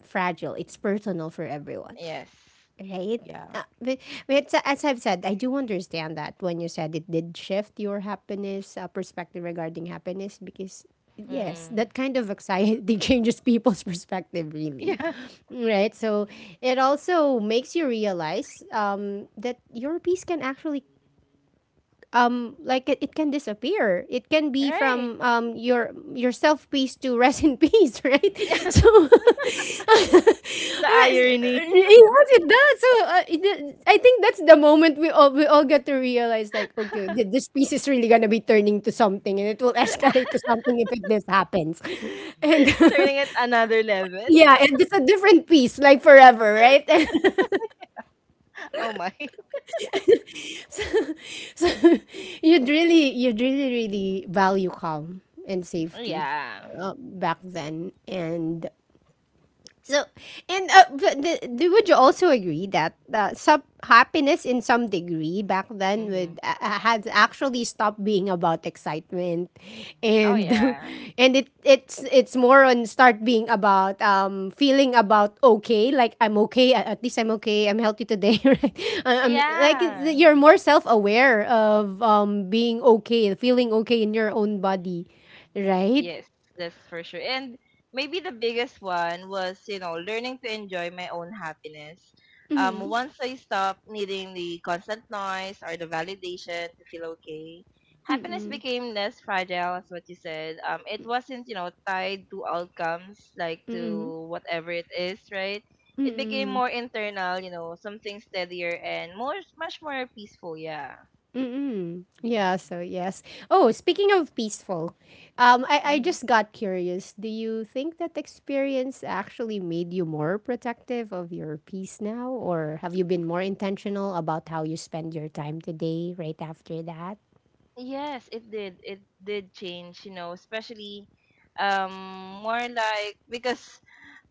[SPEAKER 1] fragile. It's personal for everyone,
[SPEAKER 2] Yes.
[SPEAKER 1] right?
[SPEAKER 2] Yeah.
[SPEAKER 1] But, but as I've said, I do understand that when you said it did shift your happiness, perspective regarding happiness, because yes,
[SPEAKER 2] Mm.
[SPEAKER 1] that kind of anxiety changes people's perspective, really.
[SPEAKER 2] Yeah.
[SPEAKER 1] Right? So it also makes you realize that your peace can actually, like it can disappear, it can be
[SPEAKER 2] Right.
[SPEAKER 1] from your self peace to rest in peace, right? So
[SPEAKER 2] The irony.
[SPEAKER 1] yes, it does. So I think that's the moment we all get to realize, like, okay, this piece is really gonna be turning to something, and it will escalate to something if it this happens. And
[SPEAKER 2] Turning it another level.
[SPEAKER 1] yeah, and it's a different piece like forever, right?
[SPEAKER 2] Oh my.
[SPEAKER 1] So you'd really really value calm and safety
[SPEAKER 2] Yeah.
[SPEAKER 1] back then, and so, and but the, would you also agree that some happiness in some degree back then
[SPEAKER 2] hmm
[SPEAKER 1] would has actually stopped being about excitement,
[SPEAKER 2] Oh
[SPEAKER 1] and
[SPEAKER 2] yeah.
[SPEAKER 1] and it's more on start being about, feeling about okay, like I'm okay, at least I'm okay, I'm healthy today, right? I'm like
[SPEAKER 2] Yeah.
[SPEAKER 1] you're more self aware of, being okay, feeling okay in your own body, right?
[SPEAKER 2] Yes, that's for sure. And maybe the biggest one was, you know, learning to enjoy my own happiness. Once I stopped needing the constant noise or the validation to feel okay, happiness became less fragile, as what you said. It wasn't, you know, tied to outcomes, like to whatever it is, right? It became
[SPEAKER 1] Mm-mm.
[SPEAKER 2] more internal, you know, something steadier and more, much more peaceful. Yeah.
[SPEAKER 1] Mm-mm. Yeah, so yes. Oh, speaking of peaceful, I just got curious. Do you think that experience actually made you more protective of your peace now? Or have you been more intentional about how you spend your time today right after that?
[SPEAKER 2] Yes, it did. It did change, you know, especially um more like because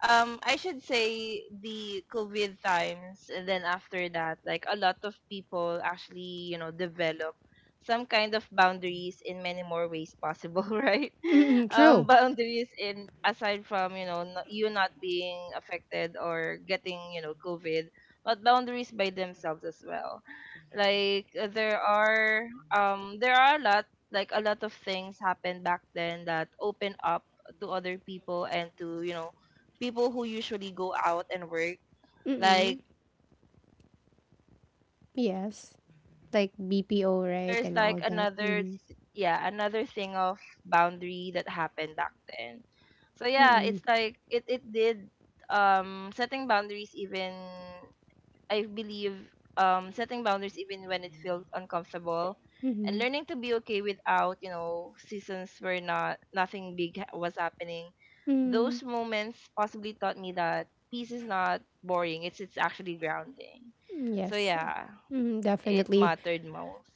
[SPEAKER 2] I should say the COVID times and then after that, like a lot of people actually, you know, develop some kind of boundaries in many more ways possible, right?
[SPEAKER 1] Mm-mm, true.
[SPEAKER 2] Boundaries in aside from, you know, you not being affected or getting, you know, COVID, but boundaries by themselves as well. Like there are a lot like a lot of things happened back then that open up to other people and to, you know, people who usually go out and work like,
[SPEAKER 1] Mm-mm.
[SPEAKER 2] you know, a work from home actually was a
[SPEAKER 1] Yes.
[SPEAKER 2] thing there
[SPEAKER 1] Like
[SPEAKER 2] and
[SPEAKER 1] BPO, right?
[SPEAKER 2] there's
[SPEAKER 1] And
[SPEAKER 2] like
[SPEAKER 1] all that.
[SPEAKER 2] another
[SPEAKER 1] Mm-hmm.
[SPEAKER 2] yeah another thing of boundary that happened back then. So yeah,
[SPEAKER 1] Mm-mm.
[SPEAKER 2] it's like it did setting boundaries even I believe, setting boundaries even when it feels uncomfortable
[SPEAKER 1] Mm-hmm.
[SPEAKER 2] and
[SPEAKER 1] Mm-hmm.
[SPEAKER 2] learning to be okay without, you know, seasons where nothing big was happening.
[SPEAKER 1] Mm-hmm.
[SPEAKER 2] Those moments possibly taught me that peace is not boring. It's actually grounding. So
[SPEAKER 1] Yes.
[SPEAKER 2] yeah,
[SPEAKER 1] Mm,
[SPEAKER 2] it
[SPEAKER 1] definitely.
[SPEAKER 2] mattered most.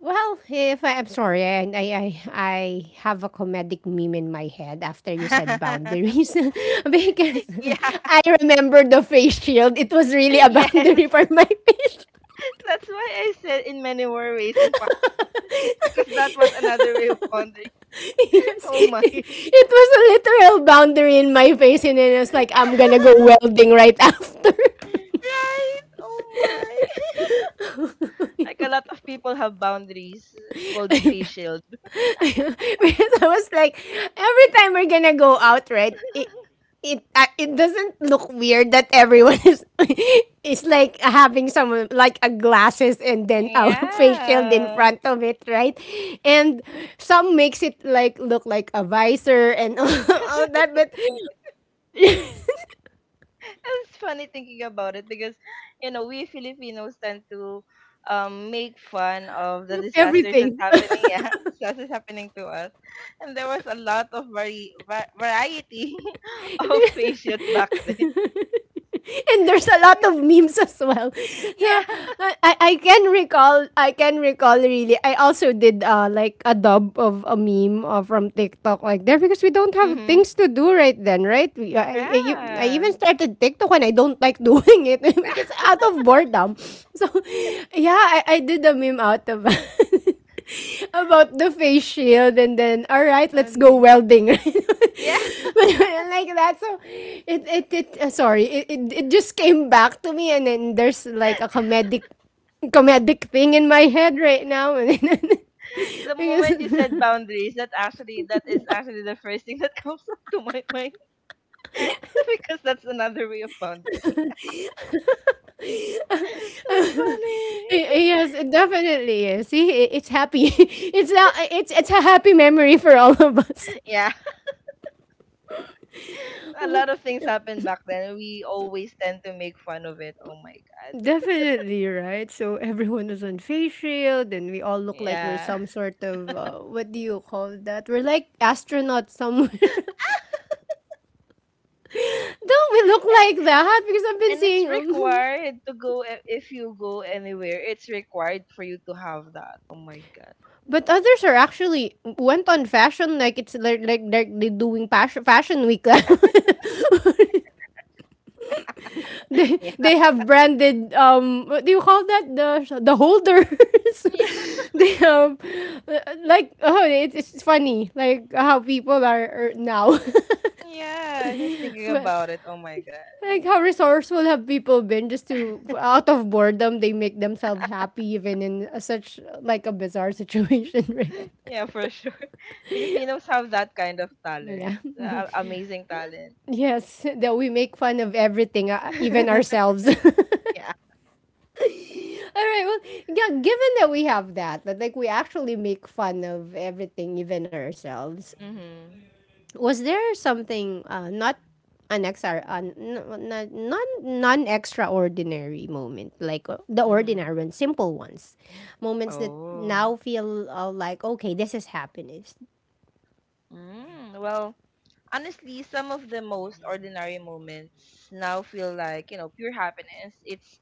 [SPEAKER 1] Well, if I'm sorry, I I have a comedic meme in my head after you said boundaries, because
[SPEAKER 2] Yeah.
[SPEAKER 1] I remember the face shield. It was really a
[SPEAKER 2] Yes.
[SPEAKER 1] boundary for my face.
[SPEAKER 2] That's why I said in many more ways in possible because that was another way of pondering.
[SPEAKER 1] Yes,
[SPEAKER 2] Oh my.
[SPEAKER 1] it was a literal boundary in my face, and then I was like, I'm gonna go welding right after.
[SPEAKER 2] Right? Oh my. Like a lot of people have boundaries called face shield.
[SPEAKER 1] Because I was like, every time we're gonna go out, right? It it uh, it doesn't look weird that everyone is is like having someone like a glasses and then a face shield in
[SPEAKER 2] Yeah.
[SPEAKER 1] front of it, right? And some makes it like look like a visor and all that, but
[SPEAKER 2] It's funny thinking about it because, you know, we Filipinos tend to, make fun of the disasters that's
[SPEAKER 1] everything.
[SPEAKER 2] happening. Yeah, disasters happening to us. And there was a lot of variety of facials back then.
[SPEAKER 1] And there's a lot of memes as well. So,
[SPEAKER 2] Yeah.
[SPEAKER 1] I can recall really. I also did like a dub of a meme from TikTok like there because we don't have
[SPEAKER 2] Mm-hmm.
[SPEAKER 1] things to do right then, right? We, I, you- I
[SPEAKER 2] Yeah.
[SPEAKER 1] even started TikTok when I don't like doing it because out of boredom. So yeah, I did a meme out of about the face shield, and then all right, let's go
[SPEAKER 2] Funny.
[SPEAKER 1] welding like
[SPEAKER 2] Yeah.
[SPEAKER 1] that. So it sorry, it just came back to me, and then there's like a comedic thing in my head right now, and then,
[SPEAKER 2] The
[SPEAKER 1] because
[SPEAKER 2] moment you said boundaries, that actually that is actually the first thing that comes up to my mind because that's another way of boundaries. It's funny.
[SPEAKER 1] yes, it definitely is. See, it's happy. It's a happy memory for all of us.
[SPEAKER 2] Yeah, a lot of things happened back then. We always tend to make fun of it. Oh my god.
[SPEAKER 1] Definitely, right? So everyone was on face shield and we all look like we're
[SPEAKER 2] Yeah.
[SPEAKER 1] some sort of, what do you call that? We're like astronauts somewhere. Don't we look
[SPEAKER 2] Eh,
[SPEAKER 1] like that? Because I've been
[SPEAKER 2] and it's
[SPEAKER 1] seeing,
[SPEAKER 2] required to go if you go anywhere. It's required for you to have that. Oh my god.
[SPEAKER 1] but others are actually went on fashion, like it's like they're doing fashion week. They
[SPEAKER 2] Yeah.
[SPEAKER 1] have branded, what do you call that, the holders.
[SPEAKER 2] Yeah.
[SPEAKER 1] They have, uh, like, oh, it's funny like how people are now.
[SPEAKER 2] Yeah. Just thinking
[SPEAKER 1] But
[SPEAKER 2] about it. Oh my god.
[SPEAKER 1] like, how resourceful have people been? Just to, out of boredom, they make themselves happy even in such like a bizarre situation, right?
[SPEAKER 2] Yeah, for sure. Filipinos have that kind of talent.
[SPEAKER 1] Yeah.
[SPEAKER 2] Amazing talent.
[SPEAKER 1] Yes, that we make fun of everything, even ourselves.
[SPEAKER 2] Yeah.
[SPEAKER 1] All right. Well, yeah, given that we have that like, we actually make fun of everything, even ourselves.
[SPEAKER 2] Mhm.
[SPEAKER 1] Was there something, not non extraordinary moment, like, the
[SPEAKER 2] Mhm.
[SPEAKER 1] ordinary ones, simple ones, moments that
[SPEAKER 2] Oh.
[SPEAKER 1] now feel, like, okay, this is happiness.
[SPEAKER 2] Well, honestly, some of the most ordinary moments now feel like, you know, pure happiness. It's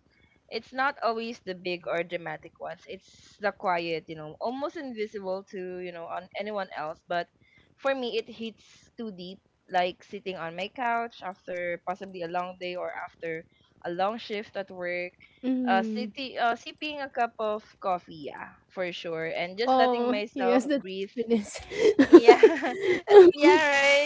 [SPEAKER 2] it's not always the big or dramatic ones. It's the quiet, you know, almost invisible to, you know, on anyone else, but for me it hits too deep, like sitting on my couch after possibly a long day or after a long shift at work.
[SPEAKER 1] Mm.
[SPEAKER 2] Sitting, sipping a cup of coffee, yeah, for sure, and just letting
[SPEAKER 1] Oh
[SPEAKER 2] myself
[SPEAKER 1] yes, that's
[SPEAKER 2] breathe.
[SPEAKER 1] happiness.
[SPEAKER 2] Yeah, yeah,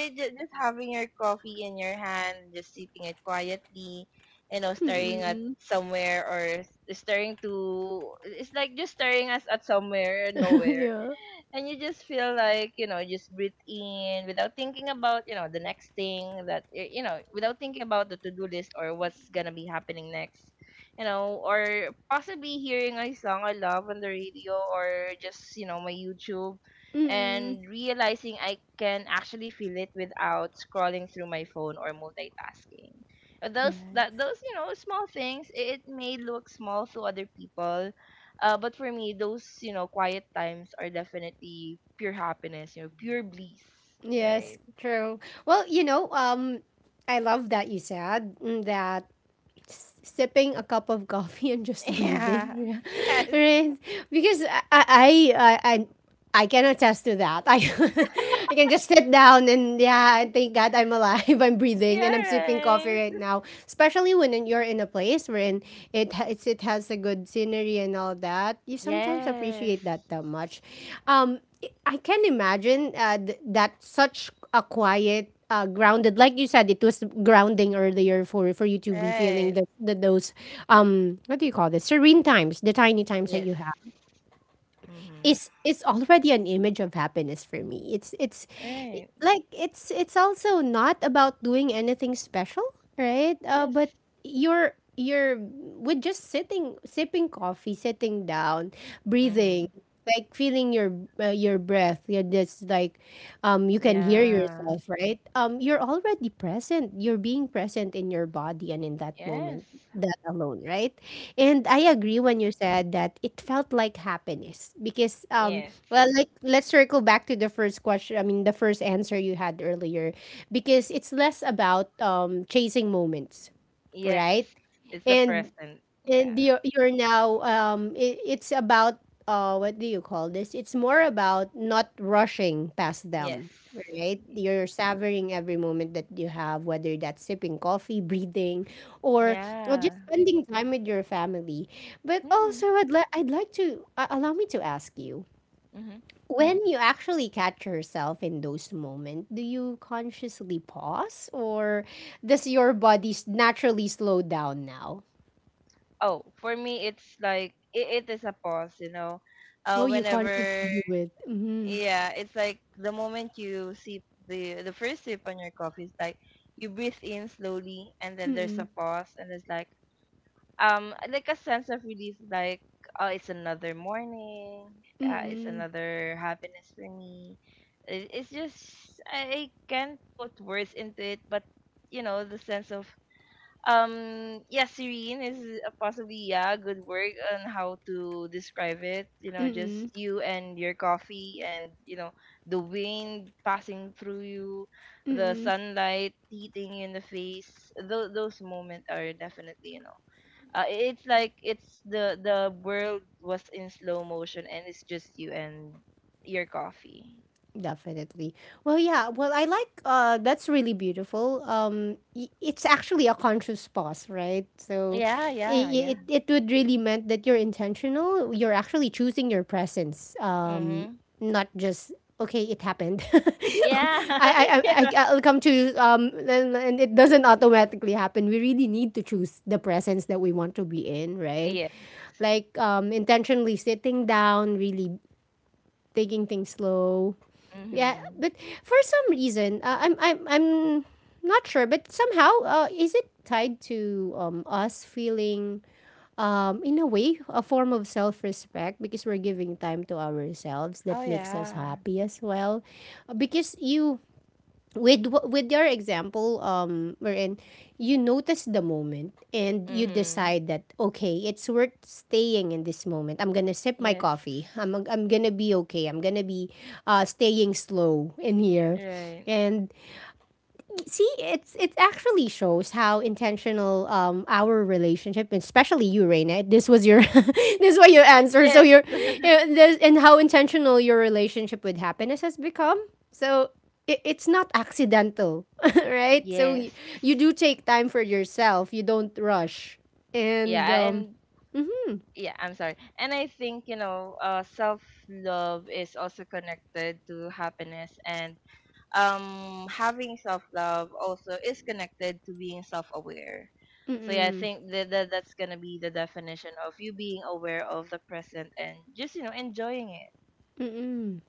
[SPEAKER 2] right. Just having your coffee in your hand, just sipping it quietly, you know, staring at
[SPEAKER 1] Mm-mm.
[SPEAKER 2] somewhere or staring to. It's like just staring us at somewhere, nowhere,
[SPEAKER 1] Yeah.
[SPEAKER 2] and you just feel like, you know, just breathe in without thinking about, you know, the next thing you know, without thinking about the to-do list or what's gonna be happening next, you know, or possibly hearing a song I love on the radio or just, you know, my YouTube,
[SPEAKER 1] Mm-mm.
[SPEAKER 2] and realizing I can actually feel it without scrolling through my phone or multitasking. Those
[SPEAKER 1] Yeah.
[SPEAKER 2] that those, you know, small things, it may look small to other people, but for me, those, you know, quiet times are definitely pure happiness. You know, pure bliss. Right.
[SPEAKER 1] Yes, true. Well, I love that you said, that sipping a cup of coffee and just
[SPEAKER 2] Yeah.
[SPEAKER 1] breathing,
[SPEAKER 2] Yes.
[SPEAKER 1] right? Because I can attest to that. I I can just sit down, and yeah, and thank God I'm alive. I'm breathing
[SPEAKER 2] Yeah.
[SPEAKER 1] and I'm sipping coffee
[SPEAKER 2] Right.
[SPEAKER 1] right now. Especially when you're in a place wherein it has a good scenery and all that. You sometimes
[SPEAKER 2] Yes.
[SPEAKER 1] appreciate that that much. Um, I can imagine, that such a quiet, grounded, like you said, it was grounding earlier for you to be feeling
[SPEAKER 2] Right.
[SPEAKER 1] the those, what do you call this, serene times, the tiny times that
[SPEAKER 2] Yes.
[SPEAKER 1] you have,
[SPEAKER 2] Mhm.
[SPEAKER 1] is already an image of happiness for me. It's
[SPEAKER 2] Right.
[SPEAKER 1] it's also not about doing anything special, right?
[SPEAKER 2] Yes.
[SPEAKER 1] But you're with just sitting, sipping coffee, sitting down, breathing,
[SPEAKER 2] Mhm.
[SPEAKER 1] like feeling your breath. You're just like, you can hear
[SPEAKER 2] Yeah.
[SPEAKER 1] yourself, right? You're already present. You're being present in your body and in that moment,
[SPEAKER 2] Yes.
[SPEAKER 1] that alone, right? And I
[SPEAKER 2] Mhm.
[SPEAKER 1] agree when you said that it felt like happiness because,
[SPEAKER 2] Yes.
[SPEAKER 1] well, like, let's circle back to the first question. I mean, the first answer you had earlier, because it's less about, chasing moments, right?
[SPEAKER 2] Yes. It's the
[SPEAKER 1] And
[SPEAKER 2] present. Yeah.
[SPEAKER 1] and you're now, it's about, what do you call this, it's more about not rushing past
[SPEAKER 2] Yes.
[SPEAKER 1] them, right? You're savoring every moment that you have, whether that's sipping coffee, breathing, or, or
[SPEAKER 2] Yeah.
[SPEAKER 1] just spending time with your family. But also
[SPEAKER 2] Mhm.
[SPEAKER 1] I'd like to, allow me to ask you,
[SPEAKER 2] Mhm.
[SPEAKER 1] when you actually catch yourself in those moments, do you consciously pause, or does your body naturally slow down now?
[SPEAKER 2] Oh, for me, it's like it is a pause, you know.
[SPEAKER 1] Oh, you consciously
[SPEAKER 2] Whenever,
[SPEAKER 1] do it. Mm-hmm.
[SPEAKER 2] yeah, it's like the moment you sip the first sip on your coffee. It's like you breathe in slowly, and then there's
[SPEAKER 1] Mm-mm.
[SPEAKER 2] a pause, and it's like a sense of relief, like oh, it's another morning, it's
[SPEAKER 1] Mm-mm.
[SPEAKER 2] another happiness for me. It's just I can't put words into it, but you know the sense of, yeah, serene is, possibly, yeah, good work on how to describe it, you know, just
[SPEAKER 1] Mm-mm.
[SPEAKER 2] you and your coffee and, you know, the wind passing through you, the
[SPEAKER 1] Mm-mm.
[SPEAKER 2] sunlight hitting you in the face. Those moments are definitely, you know, it's like it's the world was in slow motion and it's just you and your coffee.
[SPEAKER 1] Definitely. Well, yeah. Well, I like that's really beautiful. It's actually a conscious pause, right? So
[SPEAKER 2] Yeah, yeah, yeah.
[SPEAKER 1] it would really meant that you're intentional, you're actually choosing your presence.
[SPEAKER 2] Mhm.
[SPEAKER 1] Not just, okay, it happened.
[SPEAKER 2] Yeah.
[SPEAKER 1] I, I I
[SPEAKER 2] Yeah,
[SPEAKER 1] I'll come to, and it doesn't automatically happen. We really need to choose the presence that we want to be in, right?
[SPEAKER 2] yeah.
[SPEAKER 1] Like, intentionally sitting down, really taking things slow. Yeah,
[SPEAKER 2] Mhm.
[SPEAKER 1] but for some reason, I'm not sure, but somehow, is it tied to, us feeling, in a way, a form of self-respect, because we're giving time to ourselves that
[SPEAKER 2] Oh
[SPEAKER 1] makes us
[SPEAKER 2] yeah.
[SPEAKER 1] happy as well? Because you, with with your example, wherein you notice the moment and you
[SPEAKER 2] Mm-hmm.
[SPEAKER 1] decide that, okay, it's worth staying in this moment. I'm gonna sip my
[SPEAKER 2] Yes.
[SPEAKER 1] coffee. I'm gonna be okay. I'm gonna be, staying slow in here.
[SPEAKER 2] Right.
[SPEAKER 1] And see, it actually shows how intentional, our relationship, especially you, Raina. This was your, this was your answer. So
[SPEAKER 2] Yes.
[SPEAKER 1] your, yeah, this, and how intentional your relationship with happiness has become. So it's not accidental, right? So you,
[SPEAKER 2] Yes.
[SPEAKER 1] you do take time for yourself. You don't rush, and,
[SPEAKER 2] Yeah, and yeah, I'm sorry. And I think, you know, self-love is also connected to happiness, and having self-love also is connected to being self-aware. So yeah, I think that, that's going to be the definition of you being aware of the present and just, you know, enjoying it.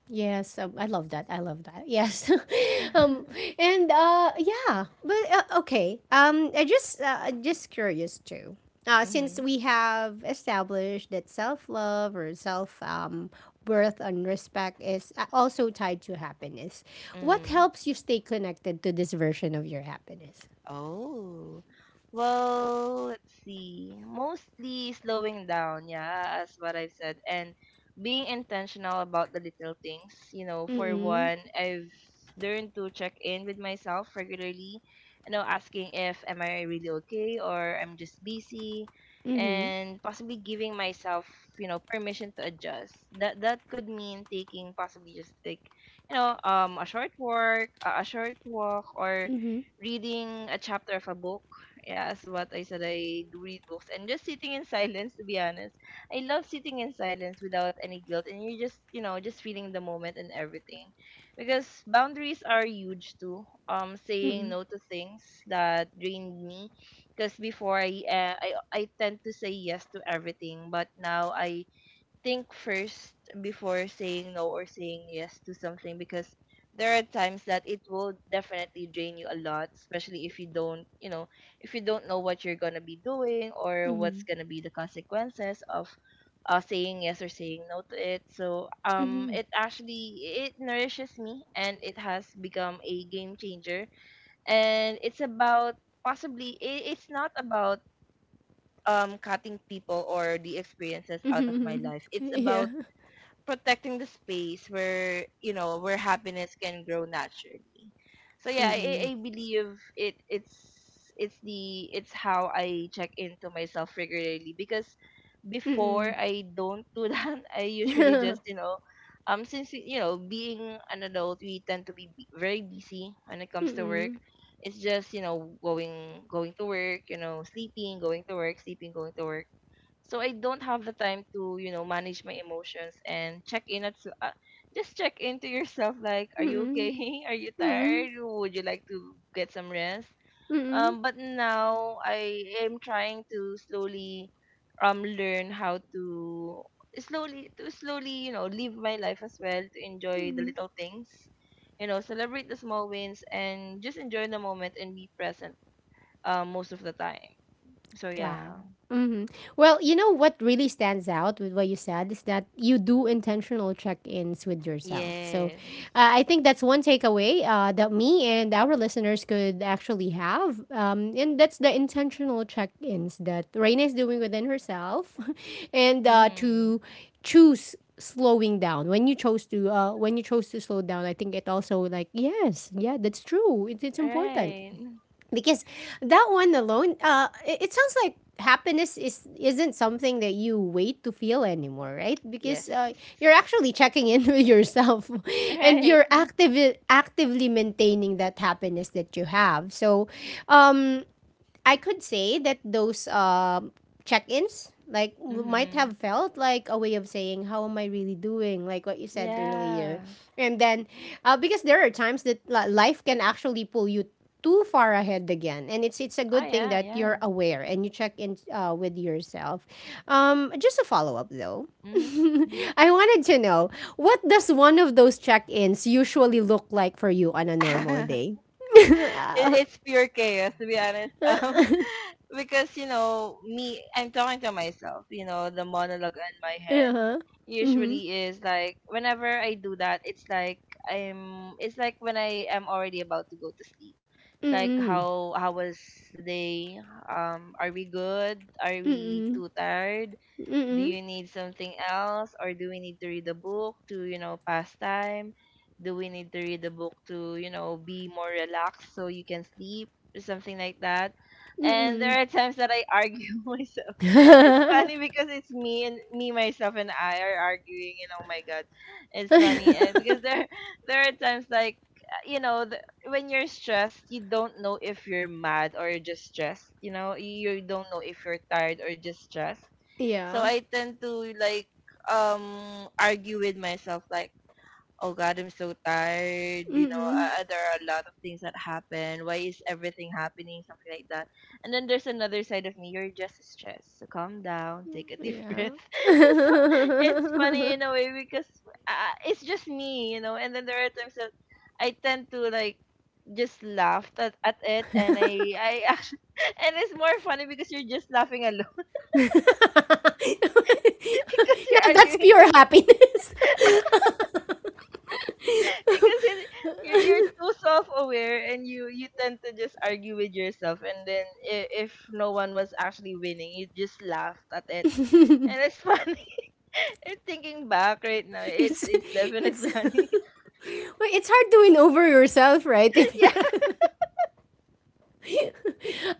[SPEAKER 1] yes, I love that. I love that. Yes, um,
[SPEAKER 2] Yeah.
[SPEAKER 1] and, yeah, but, okay. I just curious too. Since
[SPEAKER 2] Mhm.
[SPEAKER 1] we have established that self love or self, worth and respect is, also tied to happiness, what
[SPEAKER 2] Mhm.
[SPEAKER 1] helps you stay connected to this version of your happiness?
[SPEAKER 2] Oh, well, let's see. Mostly slowing down, yeah, as what I've said, and being intentional about the little things. You know, for
[SPEAKER 1] Mm.
[SPEAKER 2] one, I've learned to check in with myself regularly, you know, asking if am I really okay or I'm just busy,
[SPEAKER 1] Mm.
[SPEAKER 2] and possibly giving myself, you know, permission to adjust. That could mean taking possibly just like, you know, a short walk, or
[SPEAKER 1] Mm.
[SPEAKER 2] reading a chapter of a book. Yeah, as what I said, I do read books and just sitting in silence. To be honest, I love sitting in silence without any guilt, and you just, you know, just feeling the moment and everything, because boundaries are huge too. Saying
[SPEAKER 1] Mm.
[SPEAKER 2] no to things that drained me, because before I tend to say yes to everything, but now I think first before saying no or saying yes to something, because there are times that it will definitely drain you a lot, especially if you don't, you know, if you don't know what you're gonna be doing
[SPEAKER 1] Mm.
[SPEAKER 2] or what's
[SPEAKER 1] Mm.
[SPEAKER 2] gonna be the consequences of, saying yes or saying no to it. So
[SPEAKER 1] Mm.
[SPEAKER 2] it actually it nourishes me and it has become a game changer. And it's about possibly it's not about cutting people or the experiences out of my
[SPEAKER 1] Mm.
[SPEAKER 2] life. It's
[SPEAKER 1] Yeah.
[SPEAKER 2] about protecting the space where, you know, where happiness can grow naturally. So
[SPEAKER 1] Mm.
[SPEAKER 2] yeah,
[SPEAKER 1] Mm.
[SPEAKER 2] I believe it it's the it's how I check into myself regularly, because before
[SPEAKER 1] Mm.
[SPEAKER 2] I don't do that, I usually
[SPEAKER 1] Mm.
[SPEAKER 2] just, you know, since, you know, being an adult we tend to be very busy when it comes to work.
[SPEAKER 1] Mm.
[SPEAKER 2] It's just, you know, going to work, you know, sleeping, going to work, sleeping, going to work. So I don't have the time to, you know, manage my emotions and check in at just check into yourself like, are you
[SPEAKER 1] Mm-mm.
[SPEAKER 2] okay, are you
[SPEAKER 1] Mm-mm.
[SPEAKER 2] tired, would you like to get some rest.
[SPEAKER 1] Mm-mm.
[SPEAKER 2] But now I am trying to slowly learn how to slowly, you know, live my life as well, to enjoy the
[SPEAKER 1] Mm-mm.
[SPEAKER 2] little things, you know, celebrate the small wins and just enjoy the moment and be present most of the time. So
[SPEAKER 1] Wow.
[SPEAKER 2] yeah.
[SPEAKER 1] hmm Well, you know what really stands out with what you said is that you do intentional check-ins with yourself. So,
[SPEAKER 2] Yes.
[SPEAKER 1] I think that's one takeaway, that me and our listeners could actually have, and that's the intentional check-ins that Raina is doing within herself, and, to
[SPEAKER 2] Mhm.
[SPEAKER 1] choose slowing down. When you chose to, when you chose to slow down, I think it also like, yes, yeah, that's true, it's important,
[SPEAKER 2] Right.
[SPEAKER 1] because that one alone, it sounds like happiness is isn't something that you wait to feel anymore, right, because,
[SPEAKER 2] Yes.
[SPEAKER 1] you're actually checking in with yourself, and
[SPEAKER 2] Right.
[SPEAKER 1] you're actively maintaining that happiness that you have. So, um I could say that those, check-ins, like, might
[SPEAKER 2] Mm-hmm.
[SPEAKER 1] have felt like a way of saying, how am I really doing, like what you said earlier.
[SPEAKER 2] Yeah.
[SPEAKER 1] And then, because there are times that life can actually pull you too far ahead again, and it's a
[SPEAKER 2] Oh
[SPEAKER 1] good thing
[SPEAKER 2] yeah,
[SPEAKER 1] that you're
[SPEAKER 2] yeah.
[SPEAKER 1] aware and you check in, with yourself. Just a follow-up though,
[SPEAKER 2] Mm-hmm.
[SPEAKER 1] I wanted to know, what does one of those check-ins usually look like for you on a normal
[SPEAKER 2] Hmm.
[SPEAKER 1] day?
[SPEAKER 2] It, it's pure chaos to be honest. Because you know me, I'm talking to myself, you know, the monologue in my head
[SPEAKER 1] Uh-huh. Mm-hmm.
[SPEAKER 2] usually is like, whenever I do that, it's like I'm it's like when I am already about to go to sleep, it's like how was the day, are we good, are we too tired, do
[SPEAKER 1] Mm-hmm.
[SPEAKER 2] you need something else, or do we need to read a book to, you know, pass time, do we need to read a book to, you know, be more relaxed so you can sleep, or something like that. And there are times that I argue myself. It's funny because it's me and me, myself and I are arguing, and oh my god, it's funny, because there there are times like, you know, when you're stressed you don't know if you're mad or you're just stressed, you know, you don't know if you're tired or just stressed. So
[SPEAKER 1] Yeah.
[SPEAKER 2] I tend to like, argue with myself like, oh god, I'm so tired, you know,
[SPEAKER 1] Mm-mm.
[SPEAKER 2] there are a lot of things that happen, why is everything happening, something like that. And then there's another side of me, you're just stressed, so calm down. Take a deep breath.
[SPEAKER 1] Yeah.
[SPEAKER 2] it's so, it's
[SPEAKER 1] Now,
[SPEAKER 2] funny in a way because, it's just me, you know. And then there are times that I tend to like just laugh at it, and I actually and it's more funny because you're just laughing alone because you're
[SPEAKER 1] that's
[SPEAKER 2] arguing
[SPEAKER 1] pure happiness.
[SPEAKER 2] because you're too self-aware, and you tend to just argue with yourself, and then if no one was actually winning, you just laughed at it and it's funny. And thinking back right now, it's
[SPEAKER 1] it's
[SPEAKER 2] it's
[SPEAKER 1] it's
[SPEAKER 2] definitely
[SPEAKER 1] well,
[SPEAKER 2] funny.
[SPEAKER 1] it's hard to win over yourself, right? If you're,
[SPEAKER 2] Yeah,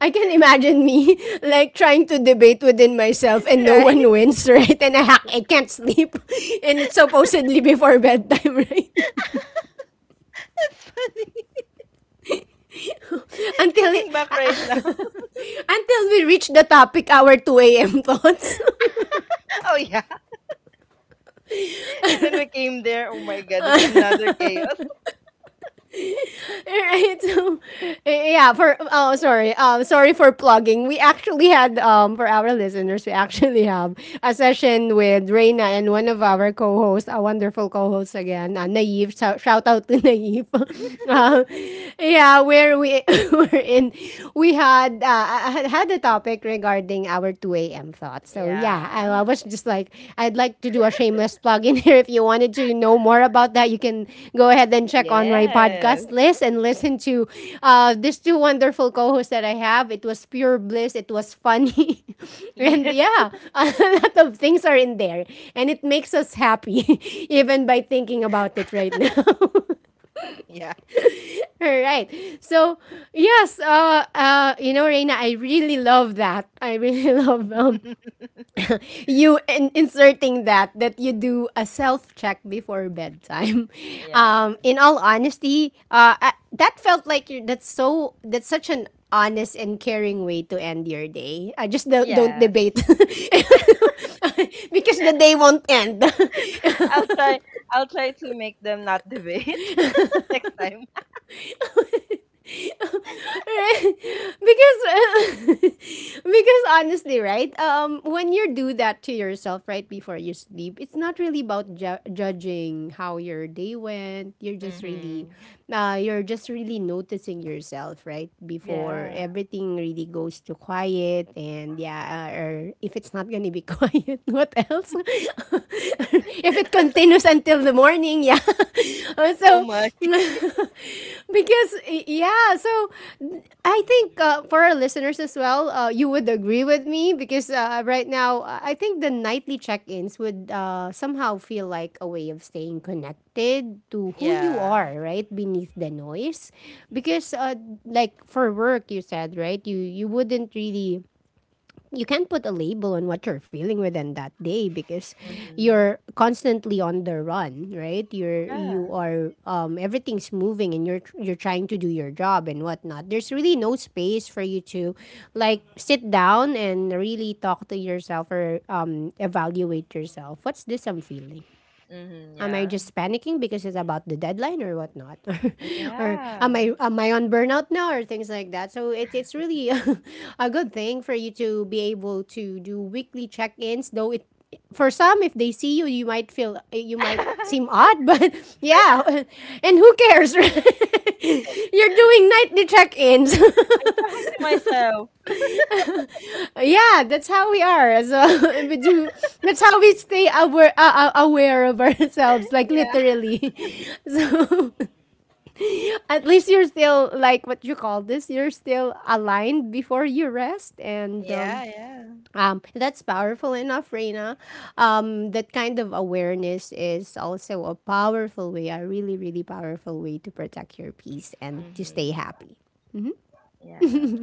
[SPEAKER 1] I can imagine me like trying to debate within myself and no
[SPEAKER 2] right.
[SPEAKER 1] one wins, right? And I hack, I can't sleep, and it's supposedly before bedtime, right?
[SPEAKER 2] It's funny
[SPEAKER 1] Until it,
[SPEAKER 2] thinking back right now.
[SPEAKER 1] until we reach the topic, our 2 a.m. thoughts.
[SPEAKER 2] Oh yeah. And then we came there, oh my god, it's another chaos.
[SPEAKER 1] Right. So, yeah, for oh, sorry. Sorry for plugging. We actually had, for our listeners, we actually have a session with Reina and one of our co-hosts, a wonderful co-host again, Naive. Shout, out to Naive. uh, yeah, where we were in we had, a topic regarding our 2 a.m. thought. So yeah, I,
[SPEAKER 2] Yeah.
[SPEAKER 1] I was just like, I'd like to do a shameless plug in here. If you wanted to know more about that, you can go ahead and check on my podcast
[SPEAKER 2] Yes.
[SPEAKER 1] list and listen to, these two wonderful co-hosts that I have. It was pure bliss. It was funny, and
[SPEAKER 2] Yes.
[SPEAKER 1] yeah, a lot of things are in there, and it makes us happy even by thinking about it right now.
[SPEAKER 2] Yeah.
[SPEAKER 1] All right, so yes, you know, Reina, I really love that. I really love, you inserting that you do a self check before bedtime.
[SPEAKER 2] Yeah.
[SPEAKER 1] In all honesty, that felt like you, that's so, that's such an honest and caring way to end your day. I just don't
[SPEAKER 2] Yeah.
[SPEAKER 1] debate because the day won't end.
[SPEAKER 2] I'll try, I'll try to make them not debate next time.
[SPEAKER 1] Right. Because because honestly, right, when you do that to yourself right before you sleep, it's not really about judging how your day went. You're just really
[SPEAKER 2] Mm-hmm.
[SPEAKER 1] you're just really noticing yourself right before
[SPEAKER 2] Yeah.
[SPEAKER 1] everything really goes to quiet. And yeah, or if it's not gonna be quiet, what else if it continues until the morning, yeah. Uh,
[SPEAKER 2] Oh
[SPEAKER 1] so
[SPEAKER 2] my.
[SPEAKER 1] because yeah, so I think for our listeners as well, you would agree with me because right now, I think the nightly check-ins would somehow feel like a way of staying connected to who you
[SPEAKER 2] Yeah.
[SPEAKER 1] are right beneath the noise. Because like for work you said, right, you wouldn't really, you can't put a label on what you're feeling within that day because
[SPEAKER 2] Mm-hmm.
[SPEAKER 1] you're constantly on the run, right? You
[SPEAKER 2] Yeah.
[SPEAKER 1] are everything's moving and you're trying to do your job and whatnot. There's really no space for you to like sit down and really talk to yourself or evaluate yourself, what's this I'm feeling?
[SPEAKER 2] Mm-hmm.
[SPEAKER 1] Am I
[SPEAKER 2] Yeah.
[SPEAKER 1] just panicking because it's about the deadline or whatnot? Or
[SPEAKER 2] Yeah.
[SPEAKER 1] am I on burnout now, or things like that? So it's really a good thing for you to be able to do weekly check-ins, though it, for some, if they see you, you might feel you might
[SPEAKER 2] I'm
[SPEAKER 1] seem odd, but yeah. And who cares? Right? You're doing nightly check-ins.
[SPEAKER 2] talking to myself.
[SPEAKER 1] Yeah, that's how we are. So we do. That's how we stay aware, aware of ourselves, like
[SPEAKER 2] Yeah.
[SPEAKER 1] literally. So at least you're still like, what you call this, you're still aligned before you rest, and
[SPEAKER 2] Yeah. Yeah.
[SPEAKER 1] that's powerful enough, Reina. That kind of awareness is also a powerful way, a really, really powerful way to protect your peace and to
[SPEAKER 2] Mm-hmm.
[SPEAKER 1] stay happy.
[SPEAKER 2] Yeah.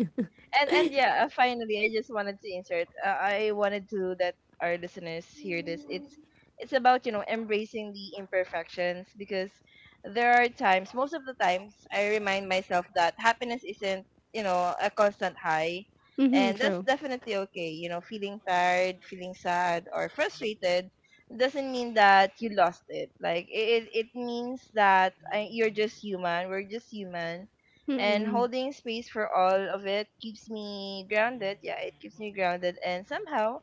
[SPEAKER 2] And yeah, finally I just wanted to insert, I wanted to that our listeners hear this. It's about, you know, embracing the imperfections, because there are times, most of the times, I remind myself that happiness isn't, you know, a constant high,
[SPEAKER 1] Mm-hmm,
[SPEAKER 2] and that's
[SPEAKER 1] true.
[SPEAKER 2] definitely okay, you know. Feeling tired, feeling sad or frustrated doesn't mean that you lost it. Like it means that, you're just human, we're just human, and
[SPEAKER 1] Mm-mm.
[SPEAKER 2] holding space for all of it keeps me grounded. Yeah, it keeps me grounded, and somehow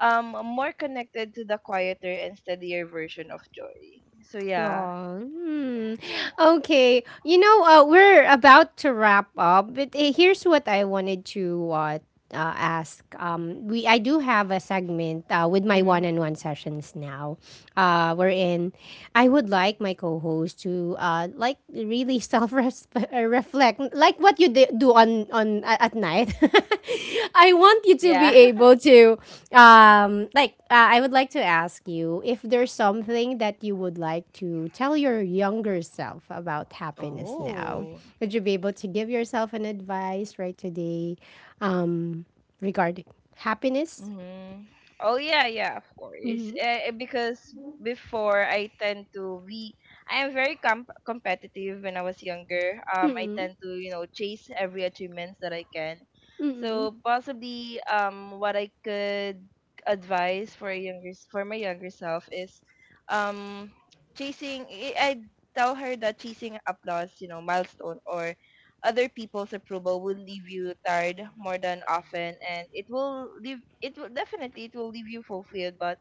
[SPEAKER 2] I'm more connected to the quieter and steadier version of joy. So yeah.
[SPEAKER 1] Yeah. Hmm. Okay. You know, we're about to wrap up, but here's what I wanted to ask. We I do have a segment with my
[SPEAKER 2] Mhm.
[SPEAKER 1] one-on-one sessions now, wherein I would like my co-host to like really self-reflect, reflect like what you do on at night. I want you to be
[SPEAKER 2] Yeah.
[SPEAKER 1] able to like I would like to ask you if there's something that you would like to tell your younger self about happiness now.
[SPEAKER 2] Oh.
[SPEAKER 1] Would you be able to give yourself an advice right today, um, regarding happiness?
[SPEAKER 2] Mm-hmm. Oh yeah, yeah, of course.
[SPEAKER 1] Mm-hmm.
[SPEAKER 2] Eh, eh, because before I tend to be, I am very competitive when I was younger. I
[SPEAKER 1] Mm-hmm.
[SPEAKER 2] tend to, you know, chase every achievements that I can.
[SPEAKER 1] Mm-hmm.
[SPEAKER 2] So possibly what I could advise for a younger for my younger self is, um, chasing. I tell her that chasing applause, you know, milestone or other people's approval will leave you tired more than often, and it will definitely, it will leave you fulfilled, but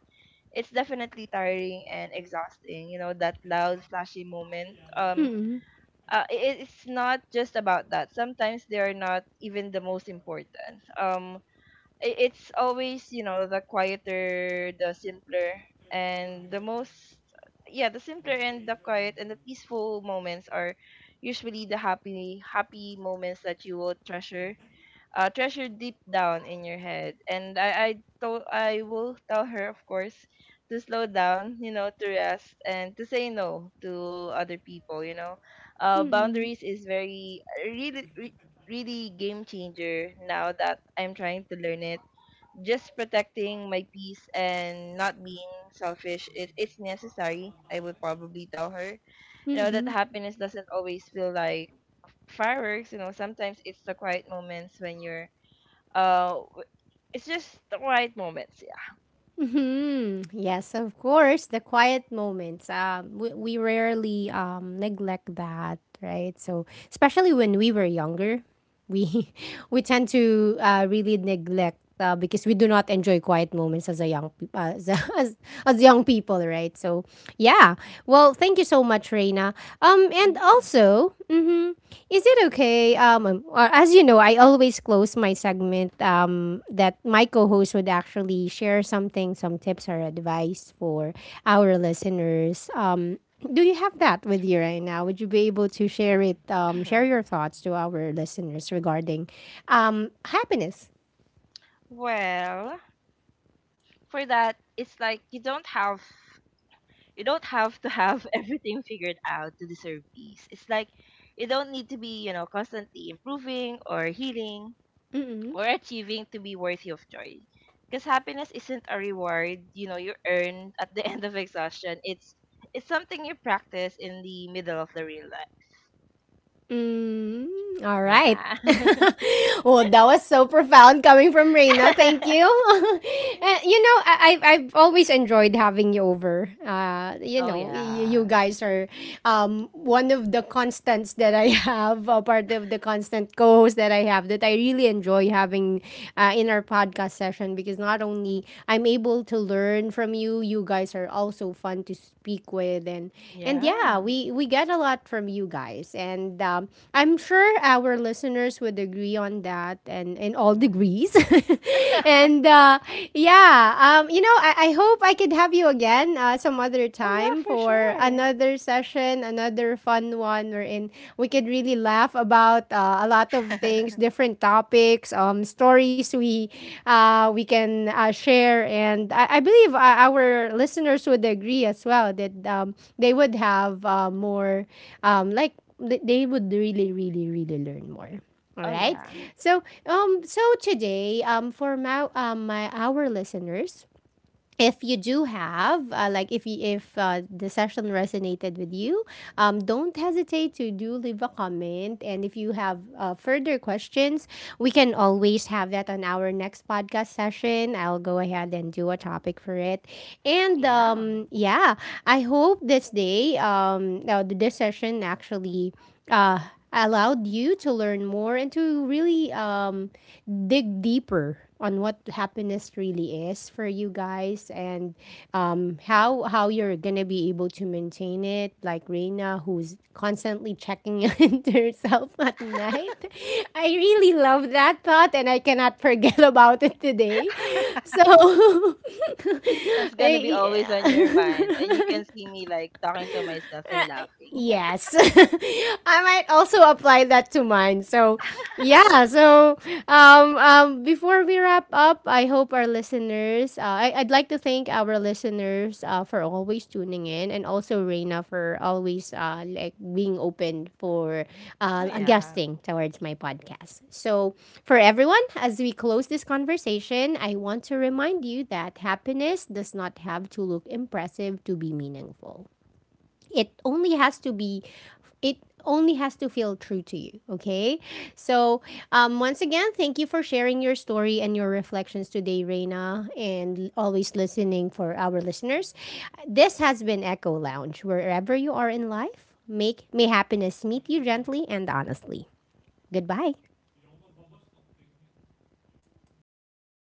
[SPEAKER 2] it's definitely tiring and exhausting. You know that loud flashy moment,
[SPEAKER 1] Mm-hmm.
[SPEAKER 2] it's not just about that. Sometimes they are not even the most important. It's always, you know, the quieter, the simpler, and the most, yeah, the simpler and the quiet and the peaceful moments are usually the happy, happy moments that you will treasure, treasure deep down in your head. And I will tell her, of course, to slow down, you know, to rest and to say no to other people, you know,
[SPEAKER 1] Mm-hmm.
[SPEAKER 2] boundaries is very, really really game changer now that I'm trying to learn it, just protecting my peace and not being selfish. It, it's necessary. I would probably tell her, you know, that
[SPEAKER 1] Mm-hmm.
[SPEAKER 2] happiness doesn't always feel like fireworks, you know, sometimes it's the quiet moments when you're, uh w- it's just the quiet moments. Yeah.
[SPEAKER 1] Mhm. Yes, of course, the quiet moments. We rarely neglect that, right? So especially when we were younger, we we tend to really neglect, because we do not enjoy quiet moments as a young as, as young people, right? So yeah. Well, thank you so much, Reina. And
[SPEAKER 2] Hmm.
[SPEAKER 1] also, mhm, is it okay? Or as you know, I always close my segment that my co-host would actually share something, some tips or advice for our listeners. Do you have that with you right now? Would you be able to share it? Share your thoughts to our listeners regarding happiness.
[SPEAKER 2] Well, for that it's like, you don't have, you don't have to have everything figured out to deserve peace. It's like, you don't need to be, you know, constantly improving or healing or achieving to be worthy of joy. Because happiness isn't a reward, you know, you earn at the end of exhaustion. It's something you practice in the middle of the real life.
[SPEAKER 1] Mm, all right.
[SPEAKER 2] Yeah.
[SPEAKER 1] Well, that was so profound coming from Reina. Thank you. And, you know, I've always enjoyed having you over. You
[SPEAKER 2] Oh
[SPEAKER 1] know, you
[SPEAKER 2] yeah.
[SPEAKER 1] guys are one of the constants that I have, a part of the constant co hosts that I have that I really enjoy having in our podcast session, because not only I'm able to learn from you. You guys are also fun to speak with, and yeah,
[SPEAKER 2] Yeah.
[SPEAKER 1] we get a lot from you guys, and I'm sure our listeners would agree on that, and in all
[SPEAKER 2] Mhm.
[SPEAKER 1] degrees, and yeah, you know, I hope I could have you again some other
[SPEAKER 2] Oh yeah,
[SPEAKER 1] time
[SPEAKER 2] for
[SPEAKER 1] for
[SPEAKER 2] sure.
[SPEAKER 1] another session, another fun one, wherein we could really laugh about a lot of things, different topics, stories we can share, and I believe our listeners would agree as well that they would have more like they would really, really, really learn more. All
[SPEAKER 2] Oh
[SPEAKER 1] right.
[SPEAKER 2] yeah.
[SPEAKER 1] So, so today, for my our listeners, if you do have like if you, if the session resonated with you, don't hesitate to do leave a comment, and if you have further questions, we can always have that on our next podcast session. I'll go ahead and do a topic for it. And
[SPEAKER 2] Yeah.
[SPEAKER 1] yeah, I hope this day, now this session actually allowed you to learn more and to really dig deeper on what happiness really is for you guys, and how you're gonna be able to maintain it, like Reina who's constantly checking into herself at night. I really love that thought and I cannot forget about it today. So
[SPEAKER 2] It's gonna be
[SPEAKER 1] I-
[SPEAKER 2] always on your mind, and you can see me like talking to myself and laughing.
[SPEAKER 1] yes, I might also apply that to mine. So yeah. So, before we wrap up, I hope our listeners. I'd like to thank our listeners for always tuning in, and also Reina for always like being open for
[SPEAKER 2] Oh yeah.
[SPEAKER 1] adjusting towards my podcast. So, for everyone, as we close this conversation, I want to remind you that happiness does not have to look impressive to be meaningful. It only has to be, it only has to feel true to you, okay? So once again, thank you for sharing your story and your reflections today, Reina, and always listening for our listeners. This has been Echo Lounge. Wherever you are in life, make may happiness meet you gently and honestly. Goodbye.